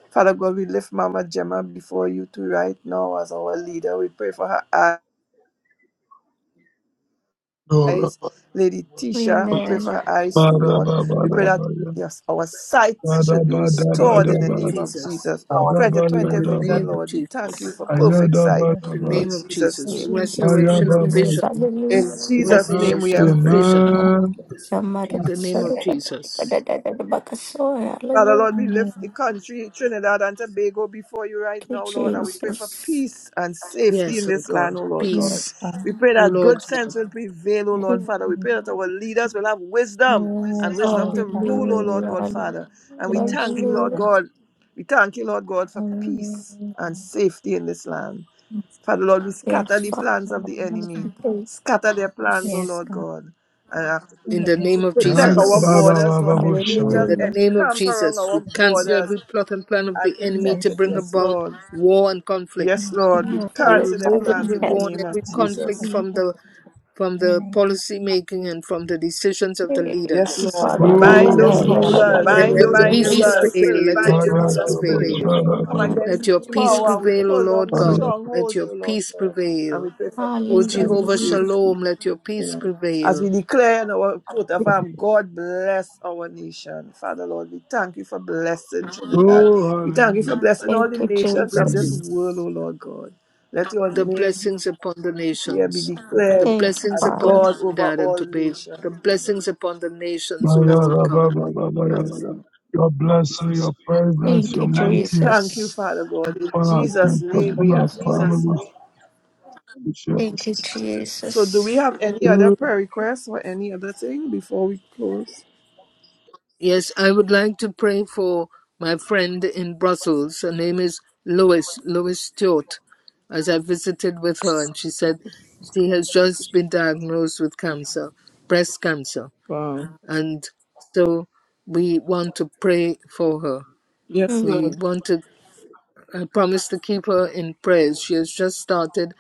C: Father God, we lift Mama Gemma before you too right now as our leader. We pray for her eyes.
D: Yoraba,
C: Lady
D: yaraba.
C: Tisha, we pray for
G: Amen.
C: her eyes too, Lord.
D: Baraba,
C: We pray that
D: baraba, ya.
C: yes, our sight should be
D: Baraba,
A: In
D: daba,
A: the
C: restored in the
A: name of
D: daba.
C: name of
A: Jesus.
C: Jesus.
D: Araba,
A: In
C: 2020
A: the
D: yadaba.
A: name
C: vision,
A: of
C: Lord. We
A: Jesus.
C: thank you for perfect sight
A: In the
D: Ayadabadaba,
C: in
A: name of
C: Jesus'
A: Jesus.
B: Bless
C: name.
B: you,
G: Thank you,
A: Restoration of
D: ayababa,
G: Jesus.
A: vision.
C: In
G: Hallelujah.
C: Jesus' name we
A: Restoration
C: have
A: of
C: prayed.
A: vision.
B: Lord.
D: amen.
A: In the name of Jesus.
G: Namadabasodabadabadabadabakasora.
C: Father
G: Hallelujah.
C: Lord, we lift the
B: Hallelujah.
C: country, Trinidad and Tobago, before you right
G: Thank
C: now,
G: you,
C: Lord, and we pray for
G: Jesus.
C: peace and safety
A: Yes,
C: in
A: Lord
C: this land,
A: God.
C: oh Lord God.
B: Yes,
A: Peace,
B: God.
C: We pray
A: O
C: that
A: Lord
C: good
A: God,
C: sense will prevail, oh Lord
B: Yes,
C: Father. We
B: Jesus.
C: pray that
G: Hallelujah.
C: our leaders will have wisdom and
B: Yes,
C: wisdom
B: Lord
C: to
B: God.
C: rule, oh Lord
G: Hallelujah.
C: God, Father. And we
B: Yes,
C: thank you,
B: Jesus.
C: Lord
G: Hallelujah.
C: God. We thank you, Lord God, for
B: Hallelujah.
C: peace and safety in this land.
B: Yes,
C: Father Lord, we
G: Yes,
C: scatter the
B: yes,
G: Father.
C: plans of the
B: Lord. Yes,
G: Thank
C: enemy.
B: God.
G: you,
C: Scatter their plans, O
G: Jesus.
B: Yes,
C: Lord God. And after
A: in the
C: to
A: name of
B: God.
C: protect our
A: Jesus.
C: borders, Lord.
B: Thank
C: May the
B: you,
D: Ayabababababusha.
A: In
C: angels
A: the
B: Lord.
G: Hallelujah.
A: name of
C: encamp around
A: Jesus,
C: our
A: we
B: Thank
A: cancel
B: you.
C: borders
A: every plot and plan of
C: and
A: the enemy
C: protect
A: to
B: Yes,
C: it,
A: bring
C: yes,
B: Jesus.
A: about
C: Lord.
A: war and conflict.
C: Yes,
B: Yes,
C: Lord, we
B: God.
G: Yeah,
A: We
G: Father
C: cancel their
G: God
A: remove
G: in
C: plans
A: every
C: in the
A: war and
C: name of
A: every
B: Hallelujah.
A: conflict
C: Jesus.
B: Yes,
G: heaven.
A: from the
B: God.
A: from
B: In the
A: the
B: name of
A: policy
B: Jesus.
A: making and from the decisions of the
G: Thank
C: Yes,
A: leaders.
G: you,
H: Yes.
C: Lord, we
G: Father
A: We-
H: Father
G: God
D: Oh,
C: bind
B: Yes,
H: God,
G: in
H: Yes,
C: those
H: this
G: heaven.
H: Lord. morning,
D: hallelujah.
C: rulers.
A: Let
H: Bind
C: We
H: Let
A: your
H: those
G: Hallelujah.
H: hallelujah.
C: bind the
D: Ayababa,
A: peace
H: your Holy
C: ruler
H: rulers. Spirit
A: prevail.
C: spirit,
H: in.
C: O
A: Let
H: Let
A: your
H: Bind the
C: Lord,
H: your Holy
A: peace
C: Father,
H: rulers,
C: Lord.
H: Spirit
A: prevail.
C: We come
D: ayadabashadabaya, ayab-
C: against
A: Let
C: the
A: your peace
C: power and we
G: Hallelujah.
A: prevail, O
C: pull
A: Lord
C: down
A: God.
D: Ayab-
A: Let
C: strongholds,
A: your
C: O Lord,
A: peace
C: God. And
A: prevail.
C: we pray for
A: O
C: peace and
A: Jehovah
G: Hallelujah.
C: safety.
A: Shalom, let your
C: You
A: peace
C: know, As
A: prevail.
C: we declare in our coat of arms, God bless our nation. Father Lord, we thank you for blessing Trinidad.
D: Oh,
C: We thank you for
D: hallelujah.
C: blessing all the
G: Thank you,
A: the
C: nations of this
A: blessings,
D: Mm.
C: world, O
G: Jesus.
C: Lord God. Let your
A: the
C: name
A: blessings upon the
C: here be
A: nations, the
C: declared
G: Thank you,
A: blessings
C: as
G: Father.
A: upon
C: God over
A: Trinidad and
C: all
A: Tobago,
C: nations.
A: the
C: O Lord.
A: blessings upon the nations, O
C: Yes,
A: Lord
C: Lord.
A: God.
C: Yes, Lord.
D: Ayadababababaya.
C: Yes, Lord.
D: Your blessing, your presence,
G: Thank you,
D: your
C: And we
D: mighty
C: thank you, Father
G: Jesus.
C: God. In
D: upon our
C: Jesus'
D: tents,
C: name we
D: upon our
C: have prayed.
D: families. Bishop.
G: Thank you,
C: So, do
G: Jesus.
C: we have any other
D: Oh,
C: prayer requests or any other thing before we close?
A: Yes, I would like to pray for my friend in Brussels. Her name is Lois, Lois Stewart, as I visited with her, and she said she has just been diagnosed with cancer, breast cancer.
C: Wow.
A: And so we want to pray for her.
C: Yes,
G: Mm.
A: We
C: Lord.
A: want to I promised to keep her in prayers. She has just started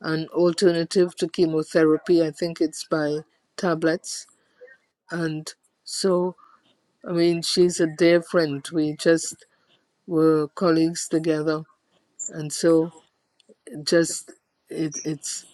A: an alternative to chemotherapy. I think it's by tablets. And so, I mean, she's a dear friend. We just were colleagues together. And so, just, it, it's,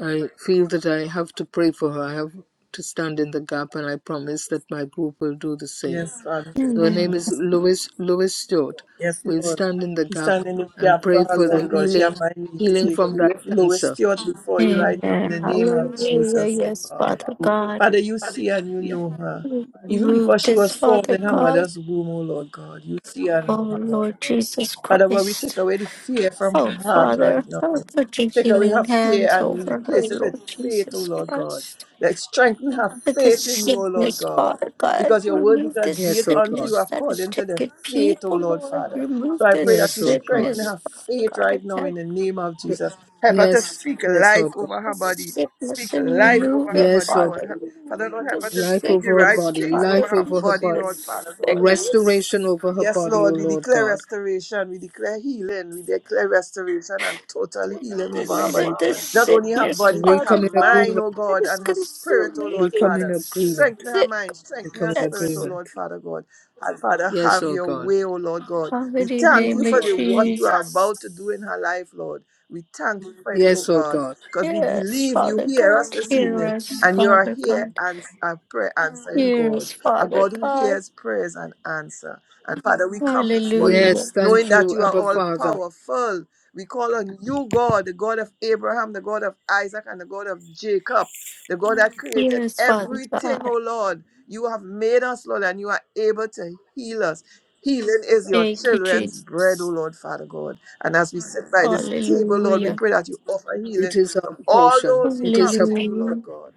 A: I feel that I have to pray for her. I have to stand in the gap, and I promise that my group will do the same.
C: Yes, Father.
A: So her name
G: Amen.
A: is Louis Louis Stewart.
C: Yes,
A: We'll
C: Lord.
A: stand in the
C: We
A: gap
C: stand in the
A: and
C: gap for
A: pray
C: her,
A: for the
C: Lord God. She
A: healing
C: have my needs,
A: healing
C: sake.
A: from
C: We
A: that
C: lift Lois
A: cancer.
C: Stewart before you right now in
G: Amen.
C: the name of
G: Hallelujah.
C: Jesus, oh
G: Yes,
C: God.
G: Father God.
C: Father, you see and you know her. Even before
G: Remove
C: she
G: this,
C: was formed
G: Father
C: in her
G: God.
C: mother's womb, oh Lord God, you see and
G: Oh,
C: know her, Lord
G: Lord
C: God.
G: Jesus
C: Father, well, we
G: Christ.
C: take away the fear from her
G: Oh,
C: heart right
G: Father,
C: now.
G: oh, put your
C: Take away her
G: healing
C: fear
G: hands
C: and
G: over her,
C: replace it with
G: Lord
C: faith, oh
G: Jesus
C: Lord God.
G: Christ.
C: Let's strengthen her
G: With this
C: faith in you, oh Lord
G: sickness,
C: God.
G: Father God,
C: Because your word is
G: remove this
C: that be
A: Yes,
C: it
A: oh
C: unto
A: God.
C: you
G: sickness that has
C: according to the
G: taken
C: faith, oh
G: people,
C: Lord
G: Lord.
C: Father.
G: Remove
C: So I
G: this
C: pray that
A: Yes,
C: you
A: oh God.
C: strengthen
G: sickness,
C: her
G: Father
C: faith
G: God. I
C: right now in
G: can't
C: the name of Jesus. Help her to
A: Yes,
C: speak
A: yes,
C: life
A: oh God.
C: over her
G: this
C: body.
G: sickness
C: Speak
G: and
C: life over
G: remove
C: her
G: it,
A: Yes,
C: body,
A: oh God.
C: Lord.
G: Father.
C: Father Lord,
G: Remove
C: help
G: this
C: her to
A: Life
C: speak the
A: over her
C: right
G: sickness,
A: body,
C: things over
G: Father.
A: life
C: her
A: over
G: Remove
A: her
C: body,
A: body,
C: Lord Father
G: this
C: God.
A: restoration
G: sickness.
A: over her
C: Yes,
A: body, oh
C: Lord, we
A: Lord
C: declare
A: God.
C: restoration, we declare healing, we declare restoration and total healing over her
G: Rid
C: body.
G: of this
C: Not only her
G: sickness,
C: body, but
A: We
C: her
G: Father
A: come in
G: God.
C: mind,
A: agreement.
C: oh
G: It
C: God,
G: is
C: and her spirit, oh
G: consuming.
A: We
C: Lord
A: come in
C: Father.
G: It's
A: agreement.
C: Strengthen her mind,
A: We
C: strengthen
A: come
C: her
A: in
C: spirit,
G: sickness.
C: oh
A: agreement.
C: Lord Father God. And Father,
A: Yes,
C: have
A: oh
C: your
A: God.
C: way, oh Lord God. We
G: Almighty
C: thank you
G: name of
C: for the
H: Spirit.
C: what you are
G: Jesus.
C: about to do in her life, Lord. We thank you for it, oh
A: Yes, oh
C: God,
A: God.
C: because we
G: Yes,
C: believe you
G: Father
C: hear us
G: God,
C: this
G: hear
C: evening
G: us,
C: and you are
G: Father
C: here
G: God.
C: and a prayer answering
G: Hear
C: God,
G: us,
C: a
G: Father
C: God who
G: God.
C: hears prayers and answer. And Father, we come before you
A: Yes,
G: Hallelujah.
C: knowing
A: thank
C: that
A: you,
C: you are
A: Abba
C: all
A: Father.
C: powerful. We call on you, God, the God of Abraham, the God of Isaac, and the God of Jacob, the God that created
G: Yes, Father
C: everything,
G: God.
C: oh Lord. You have made us, Lord, and you are able to heal us. Healing is your
G: Thank you,
C: children's bread, oh
G: Jesus.
C: Lord, Father God. And as we sit by this table, Lord, we
G: Hallelujah.
C: pray that you offer
A: It
C: healing
A: is
C: to
A: our
C: all
A: portion.
C: those who
A: It is
C: come
A: her
C: to you,
A: portion.
C: Lord
G: Hallelujah.
C: God.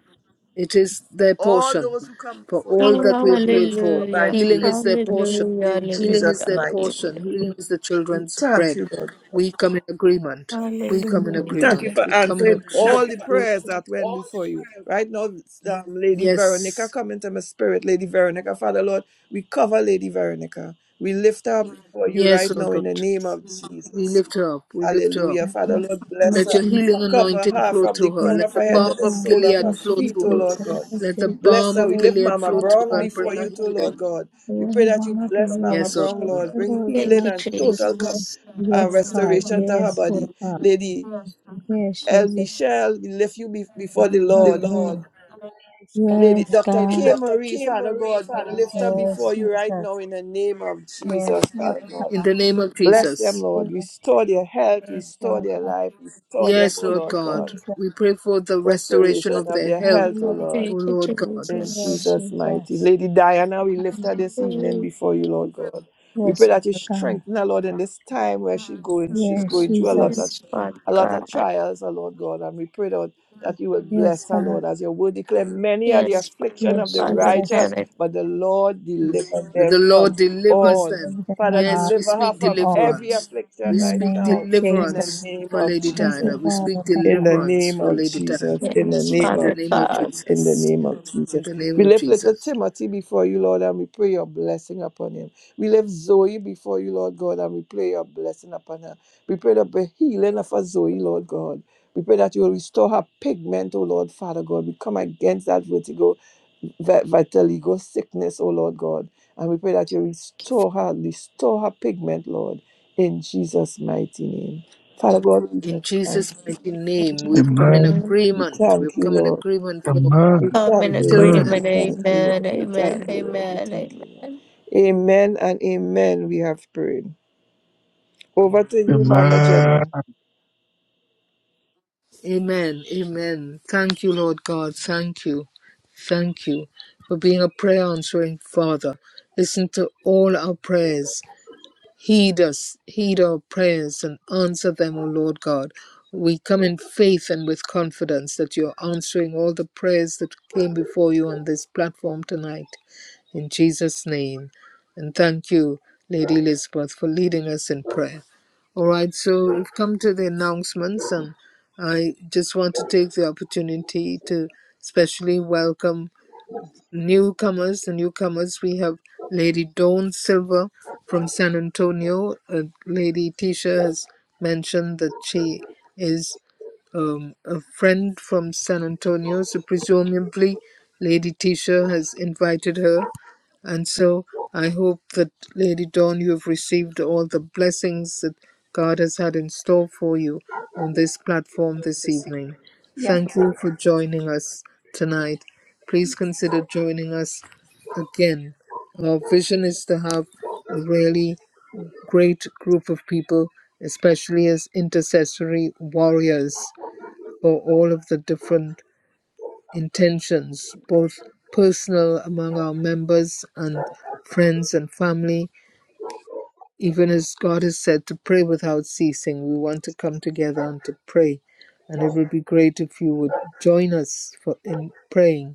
A: It is their
C: All
A: portion.
C: those who come
A: For
C: before you,
A: all that
C: Lord
A: we've
C: God, you
A: prayed
C: will
A: for,
C: provide
G: Hallelujah. Hallelujah.
A: healing
C: healing
A: is their portion.
C: in
A: Healing
G: Hallelujah.
A: is
C: Jesus'
A: their
C: mighty name.
A: portion. Healing is the children's
C: Thank
A: bread.
C: you, Lord.
A: We come in
G: Hallelujah.
A: agreement. We come in
C: We Thank you
G: Hallelujah.
A: agreement.
C: for
A: We come in
C: answering
A: a strong
C: all the
A: agreement.
C: prayers that went before you. Right now, it's, um, Lady Veronica,
A: Yes.
C: come into my spirit, Lady Veronica. Father, Lord, we cover Lady Veronica. We lift her up before you
A: Yes,
C: right
A: oh
C: now in
A: God.
C: the name of
A: We
C: Jesus.
A: lift her up. We lift her up.
C: Hallelujah. Father, Lord,
B: Lord
C: bless
A: Let
C: her.
A: your
B: Jesus.
A: healing
C: Cover
A: anointing
C: her
A: flow
C: from the
A: through her.
C: crown
A: Let
C: of
B: Yes,
A: the
C: her head to
A: balm
B: Lord
C: the
A: of
B: God,
C: sole
B: we
C: of
A: Gilead
C: her
B: worship
A: flow
B: you,
C: feet,
A: through
C: O
A: her.
B: praise
C: Lord
B: the
C: God.
B: Lord, and
A: Let the
B: thank you,
C: Bless
A: balm
C: her. We
A: of
C: lift
A: Gilead
C: Mama
A: flow through
C: Brown
A: her and
B: God,
A: bring
C: before
A: her
C: you,
B: thank
C: too,
A: healing.
B: you,
C: Lord God. We
B: Lord,
C: pray
B: and
C: that you
B: honor be
C: bless
B: your
C: Mama
B: name.
A: Yes, oh
C: Brown,
B: Thank
A: God.
C: Lord.
B: you,
C: Bring
B: Lord
G: Thank
C: healing
G: you,
B: God,
C: and total
B: Jesus.
C: com-
G: Jesus.
C: uh,
B: Yes, God,
C: restoration to her
B: yes,
C: body.
B: Lord God,
C: Lady
B: yes,
C: El
B: Jesus,
C: Michelle, we lift you be- before the
H: in. The
C: Lord.
H: Lord.
B: hallelujah.
C: Lady
B: Yes,
C: Dr.
H: Lady
C: K.
B: God,
H: Dr.
C: Marie,
H: K.
C: Father
H: Marie,
C: God, we
H: Father
C: lift her
B: yes,
C: before you right now
B: Jesus,
C: in the name of Jesus,
B: yes, Lord
C: Father
B: God,
C: God.
A: In the name of
C: Bless them,
A: Jesus.
C: Lord.
B: hallelujah,
C: Restore their health,
B: yes,
C: restore
B: Lord
C: their
B: God,
C: life, restore them,
A: Yes,
C: O
A: Lord
C: Lord
B: yes,
A: God.
C: God.
B: Jesus,
A: We pray for the restoration
C: Restoration
A: of
C: of
A: their
C: their
A: health,
C: health, O
B: hallelujah,
C: Lord.
A: O
G: Thank you,
A: Lord God.
C: In
G: Jesus.
B: yes,
C: Jesus' mighty.
B: Jesus,
C: Lady Diana, we
B: yes,
C: lift her this evening before you, Lord God. We
B: Lord
C: pray that you
B: God,
C: strengthen her, Lord, in this time where she's going. She's
B: yes,
C: going through a lot of
B: Jesus,
G: Yes, Father
C: a lot of
G: God.
C: trials, oh Lord God, and we pray, Lord, that you will
B: yes,
C: bless her,
B: God.
C: Lord, as your word declare, many are the
G: Yes, Father
C: affliction
B: Lord
C: of the
G: God in
B: Jesus,
C: righteous,
G: heaven.
C: but the Lord delivered
A: That the
C: them
A: Lord
C: from
B: you
A: delivers
C: all.
A: them.
B: give them a
C: Father,
A: Yes, we
C: deliver her
A: speak
C: from
B: all.
C: every
A: deliverance.
C: affliction
B: In
A: We
B: the
C: right
A: speak
B: name of
C: now in the
A: deliverance
B: Jesus.
C: name
A: for
C: of
A: Lady
B: Thank you,
A: Diana.
C: Jesus.
A: We
B: Father
A: speak
C: In the
B: God.
A: deliverance
C: name
A: for
C: of
A: Lady Diana.
C: Jesus, in the
G: Yes,
C: name
A: In the
G: Father
C: of
A: name of
G: God.
C: Jesus, in the
A: Jesus.
C: name of
A: In
C: Jesus.
A: the name
C: We
A: of
C: lift little
A: Jesus.
C: Timothy before you, Lord, and we pray your blessing upon him. We lift Zoe before you, Lord God, and we pray your blessing upon her. We pray that the healing of her Zoe, Lord God. We pray that you will restore her pigment, oh Lord, Father God. We come against that vertigo, vi- vitiligo sickness, oh Lord God. And we pray that you restore her, restore her pigment, Lord, in Jesus' mighty name. Father God, we
A: In
C: just thank
A: Jesus'
C: you.
A: mighty name, we've come in
D: Amen.
G: Amen.
C: We
A: agreement.
C: thank
A: We've
C: you,
A: come in
C: Lord.
A: agreement for
C: We
D: Amen.
G: Come
C: thank
G: in
A: the
C: you, Lord.
D: Amen.
C: We
G: agreement.
A: children.
C: thank you, Lord.
G: Amen.
C: We
G: Amen. Amen.
C: thank you, Lord. We
G: Amen.
C: thank you, Lord.
G: Amen.
C: Amen and amen. We have prayed. Over to you, Mama
D: Amen.
C: Gemma.
A: Amen. Amen. Thank you, Lord God. Thank you. Thank you for being a prayer answering Father. Listen to all our prayers. Heed us, heed our prayers, and answer them, O Lord God. We come in faith and with confidence that you're answering all the prayers that came before you on this platform tonight. In Jesus' name. And thank you, Lady Elizabeth, for leading us in prayer. All right, so we've come to the announcements, and I just want to take the opportunity to especially welcome newcomers, the newcomers, we have Lady Dawn Silver from San Antonio. Uh, Lady Tisha has mentioned that she is um, a friend from San Antonio, so presumably Lady Tisha has invited her and so I hope that, Lady Dawn, you have received all the blessings that God has had in store for you on this platform this evening.
H: God.
A: Thank you for joining us tonight. Please consider joining us again. Our vision is to have a really great group of people, especially as intercessory warriors for all of the different intentions, both personal among our members and friends and family, even as God has said to pray without ceasing. We want to come together and to pray. And it would be great if you would join us for, in praying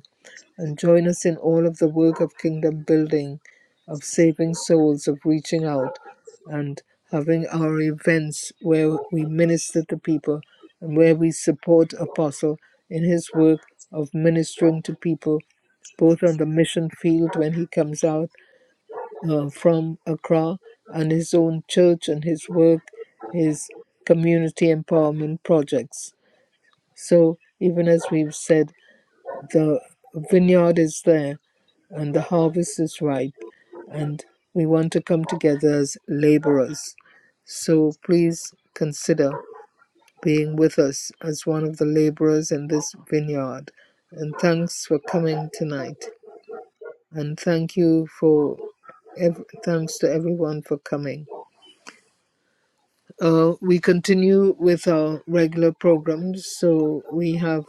A: and join us in all of the work of kingdom building, of saving souls, of reaching out, and having our events where we minister to people and where we support Apostle in his work of ministering to people, both on the mission field when he comes out uh, from Accra and his own church and his work, his community empowerment projects. So, even as we've said, the vineyard is there and the harvest is ripe, and we want to come together as laborers. So please consider being with us as one of the laborers in this vineyard. And thanks for coming tonight. And thank you for ev- thanks to everyone for coming. Uh, we continue with our regular programs. So we have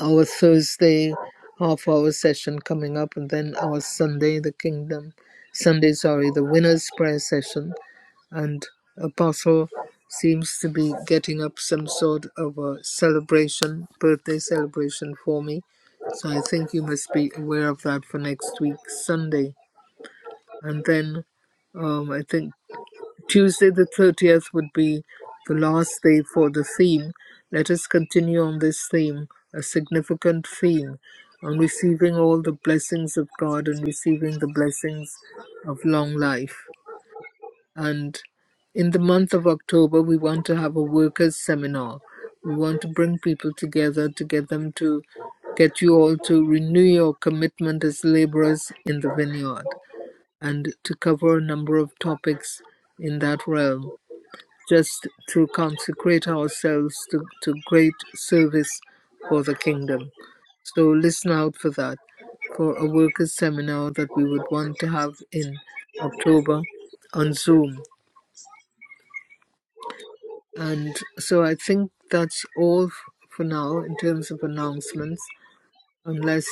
A: our Thursday half hour session coming up, and then our Sunday, the Kingdom Sunday, sorry, the Winners Prayer session. And Apostle seems to be getting up some sort of a celebration, birthday celebration for me. So I think you must be aware of that for next week, Sunday. And then um, I think Tuesday, the 30th, would be the last day for the theme. Let us continue on this theme, a significant theme, on receiving all the blessings of God and receiving the blessings of long life. And in the month of October, we want to have a workers' seminar. We want to bring people together to get them to get you all to renew your commitment as laborers in the vineyard and to cover a number of topics in that realm just to consecrate ourselves to, to great service for the kingdom. So listen out for that, for a workers' seminar that we would want to have in October on Zoom. And so I think that's all f- for now in terms of announcements, unless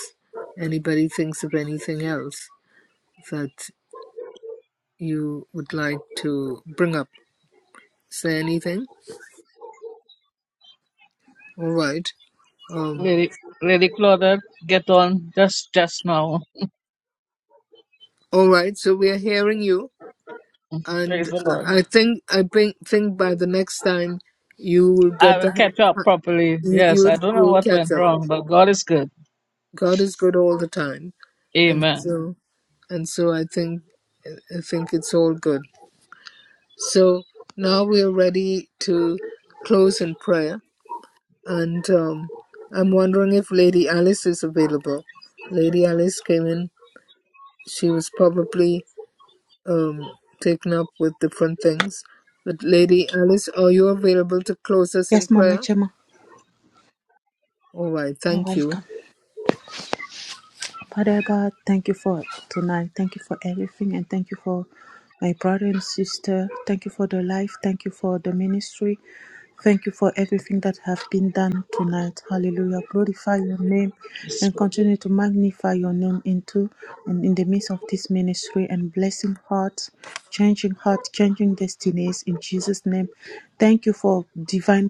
A: anybody thinks of anything else that you would like to bring up. Say anything? All right. Um,
I: Lady, Lady Claudette, get on just just now.
A: all right, so we are hearing you.
I: Praise
A: and
I: the Lord.
A: I I think I think think by the next time you will
I: I
A: get
I: will
A: the
I: catch up properly.
A: you
I: Yes,
A: you'll
I: I don't know
A: you'll
I: what
A: catch
I: went
A: up.
I: wrong, but God is good.
A: God is good all the time, and
I: Amen.
A: so and so I think I think it's all good. So now we are ready to close in prayer, and um, I'm wondering if Lady Alice is available. Lady Alice came in; she was probably um, taken up with different things. But Lady Alice, are you available to close us in
J: Yes, Mama
A: prayer?
J: Chema,
A: All right,
J: you're
A: thank you.
J: welcome. Father God, thank you for tonight. Thank you for everything, and thank you for my brother and sister. Thank you for the life. Thank you for the ministry. Thank you for everything that have been done tonight. Hallelujah. Glorify your name
I: Yes,
J: and
I: Lord.
J: continue to magnify your name into and in the midst of this ministry and blessing hearts, changing hearts, changing destinies in Jesus' name. Thank you for divine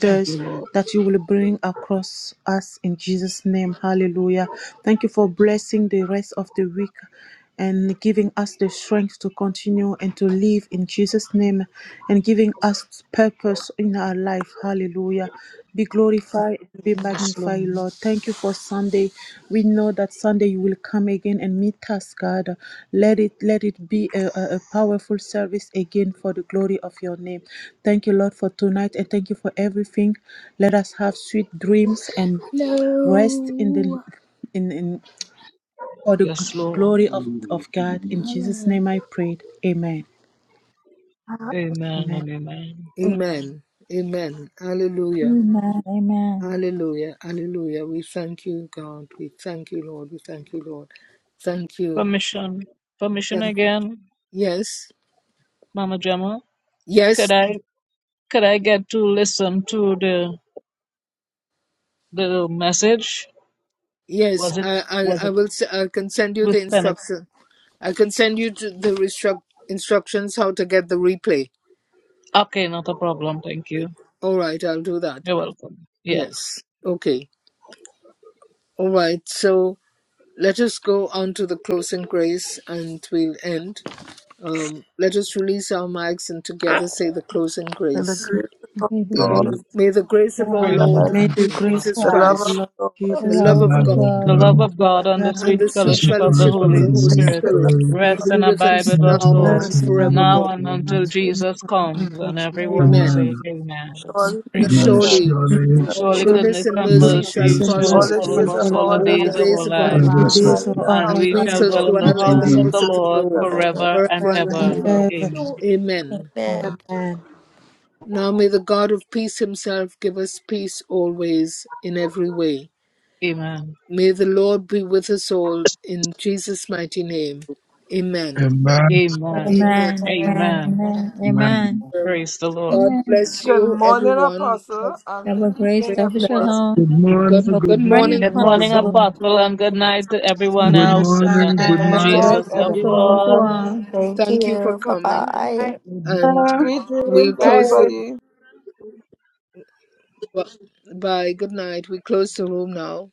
I: Thank you, Lord.
J: that you will bring across us in Jesus' name. Hallelujah. Thank you for blessing the rest of the week and giving us the strength to continue and to live in Jesus' name and giving us purpose in our life. Hallelujah be glorified and be
I: Yes,
J: magnified,
I: Lord.
J: Lord. Thank you for Sunday. We know that Sunday you will come again and meet us, God. Let it let it be a, a, a powerful service again for the glory of your name. Thank you, Lord, for tonight and thank you for everything. Let us have sweet dreams and No. rest in the in, in for the
I: Yes,
J: gl-
I: Lord.
J: glory of, of God. In Jesus' name I prayed. Amen.
I: Amen
J: Amen.
I: and amen.
A: Amen. Amen. Hallelujah.
B: Amen. Amen.
A: Hallelujah. Hallelujah. We thank you, God. We thank you, Lord. We thank you, Lord. Thank you.
I: Permission. Permission
A: Thank you.
I: again,
A: Yes.
I: Mama Gemma. Could
A: Yes.
I: I could I get to listen to the the message?
A: Yes.
I: Was it
A: I,
I: was
A: I, I
I: it
A: will. s- I can send you
I: was
A: the
I: it?
A: instruction. I can send you to the restruct instructions how to get the replay.
I: Okay, not a problem. Thank you.
A: All right. I'll do that.
I: You're welcome. Yes.
A: Yes. Okay. All right. So let us go on to the closing grace and we'll end. Um, let us release our mics and together say the closing
C: In the
A: grace.
C: grace of
B: May the
C: our
D: Amen.
C: Lord,
B: grace
A: May the grace
B: of
A: of our
B: our
I: Praise
D: Lord
I: the
A: Lord
C: God,
B: Lord
J: May
I: Lord.
J: the
B: Jesus
D: Jesus,
J: grace
A: Jesus
C: the
J: of
C: love
B: Christ,
J: our
A: Christ,
C: of
J: Lord
C: God,
B: the
A: the
J: Jesus
A: love
D: and
B: love
J: Christ.
D: I
A: of
B: of
A: God,
G: Amen.
D: love
B: God,
I: The love
B: and
D: God,
I: of
C: and the
I: God and the
A: and
C: Holy
I: sweet
A: the
D: the
B: the
A: sweet
I: fellowship of the
A: fellowship
D: systemation
A: of
B: fellowship
D: of
A: the
I: Holy
D: the
A: Holy
D: Holy
I: Spirit
C: Spirit with
A: Spirit
C: us
D: Spirit,
C: now.
I: rest
A: be
I: and
A: with
I: abide
A: us
I: with
D: with
B: of
I: us
B: us
A: now
I: all,
B: now.
D: mercy
A: and
J: lives in our
D: and
I: now
D: mercy.
B: and
A: forevermore.
J: Father,
I: and
J: us
I: until
D: Amen.
C: and
J: from
I: Jesus
J: now on
I: comes,
J: until
I: and
J: Jesus'
B: forever.
I: everyone
A: Amen.
B: Amen.
I: say
D: Amen.
I: Amen.
J: name.
C: Surely
I: Praise the
J: Amen.
D: Amen.
C: goodness
I: Lord.
C: and
A: Surely
C: mercy
D: Surely,
B: The
C: shall
I: Surely
B: goodness
J: Surely
A: goodness
B: and
I: goodness
A: and
B: mercy
I: and
A: mercy
D: goodness
B: of
D: and
A: shall
J: goodness
I: mercy
D: mercy
J: and
B: God,
A: follow
C: all
I: shall
D: shall
J: mercy
C: the
A: us
I: follow
J: shall
D: follow
C: days
D: us,
I: us
C: of
J: follow
I: all the
J: us
C: our
A: all the
I: days
B: all
C: life,
I: of our
B: the
A: days of
B: days
J: all
A: our
C: and
B: of
J: of
I: life,
D: and
C: we
J: the
C: will
B: our
D: this
C: dwell
B: life,
A: lives,
D: is
J: days
C: in
J: of
D: the system,
C: the
J: our
A: and
I: and
C: house
I: we
A: we
C: of
B: we
C: the
I: shall
A: shall
J: lives
B: shall
I: dwell
C: Lord
I: in the
D: which
A: dwell in
D: has
A: the
B: dwell
I: house
B: in
I: of
D: an
A: house
I: the
B: the
A: of
B: house
A: the
I: Lord
B: of the
A: Lord
C: forever and
B: Lord
I: forever
C: ever.
I: and
A: forever
B: forever
A: and
B: and
I: ever.
J: and
C: Amen.
A: ever.
B: ever.
J: ever.
I: Amen.
A: Amen.
B: Amen.
J: Amen.
A: Now may the God of peace himself give us peace always, in every way.
I: Amen.
A: May the Lord be with us all, in Jesus' mighty name. Amen.
I: Amen.
A: Amen.
B: Amen. Amen.
I: Amen.
B: Amen.
D: Amen. Amen.
B: Amen.
A: Amen.
I: Praise the Lord.
A: God
B: Amen.
A: bless
C: Good
A: you,
C: morning,
A: everyone. Have a
C: Apostle, and good
B: Double grace,
C: evening,
A: great
B: double
A: night.
C: everyone.
B: shalom.
D: Good morning,
A: Good,
B: Good
A: good
D: good
B: morning,
A: morning,
I: Good
D: morning,
I: morning,
D: good
A: Apostle.
B: Apostle.
D: morning.
A: Good
I: Apostle,
A: morning,
I: and good night to
A: Apostle.
I: everyone
D: Good
J: Amen.
A: Good,
I: else. In the
D: morning,
A: good
D: good
I: name of
C: Good
A: night
J: Bye.
B: Double
A: to
D: night.
C: night,
I: Jesus,
B: grace,
I: love
B: double
A: everyone.
I: you
C: everyone.
B: shalom to
I: all.
B: all.
G: Thank
A: Thank you for
G: you. Bye
A: coming.
G: bye.
F: Bye.
D: Good
A: And
D: night.
C: Sweet dreams,
A: we'll close
F: Bye.
A: the,
C: everybody.
A: by good night. We close the room now.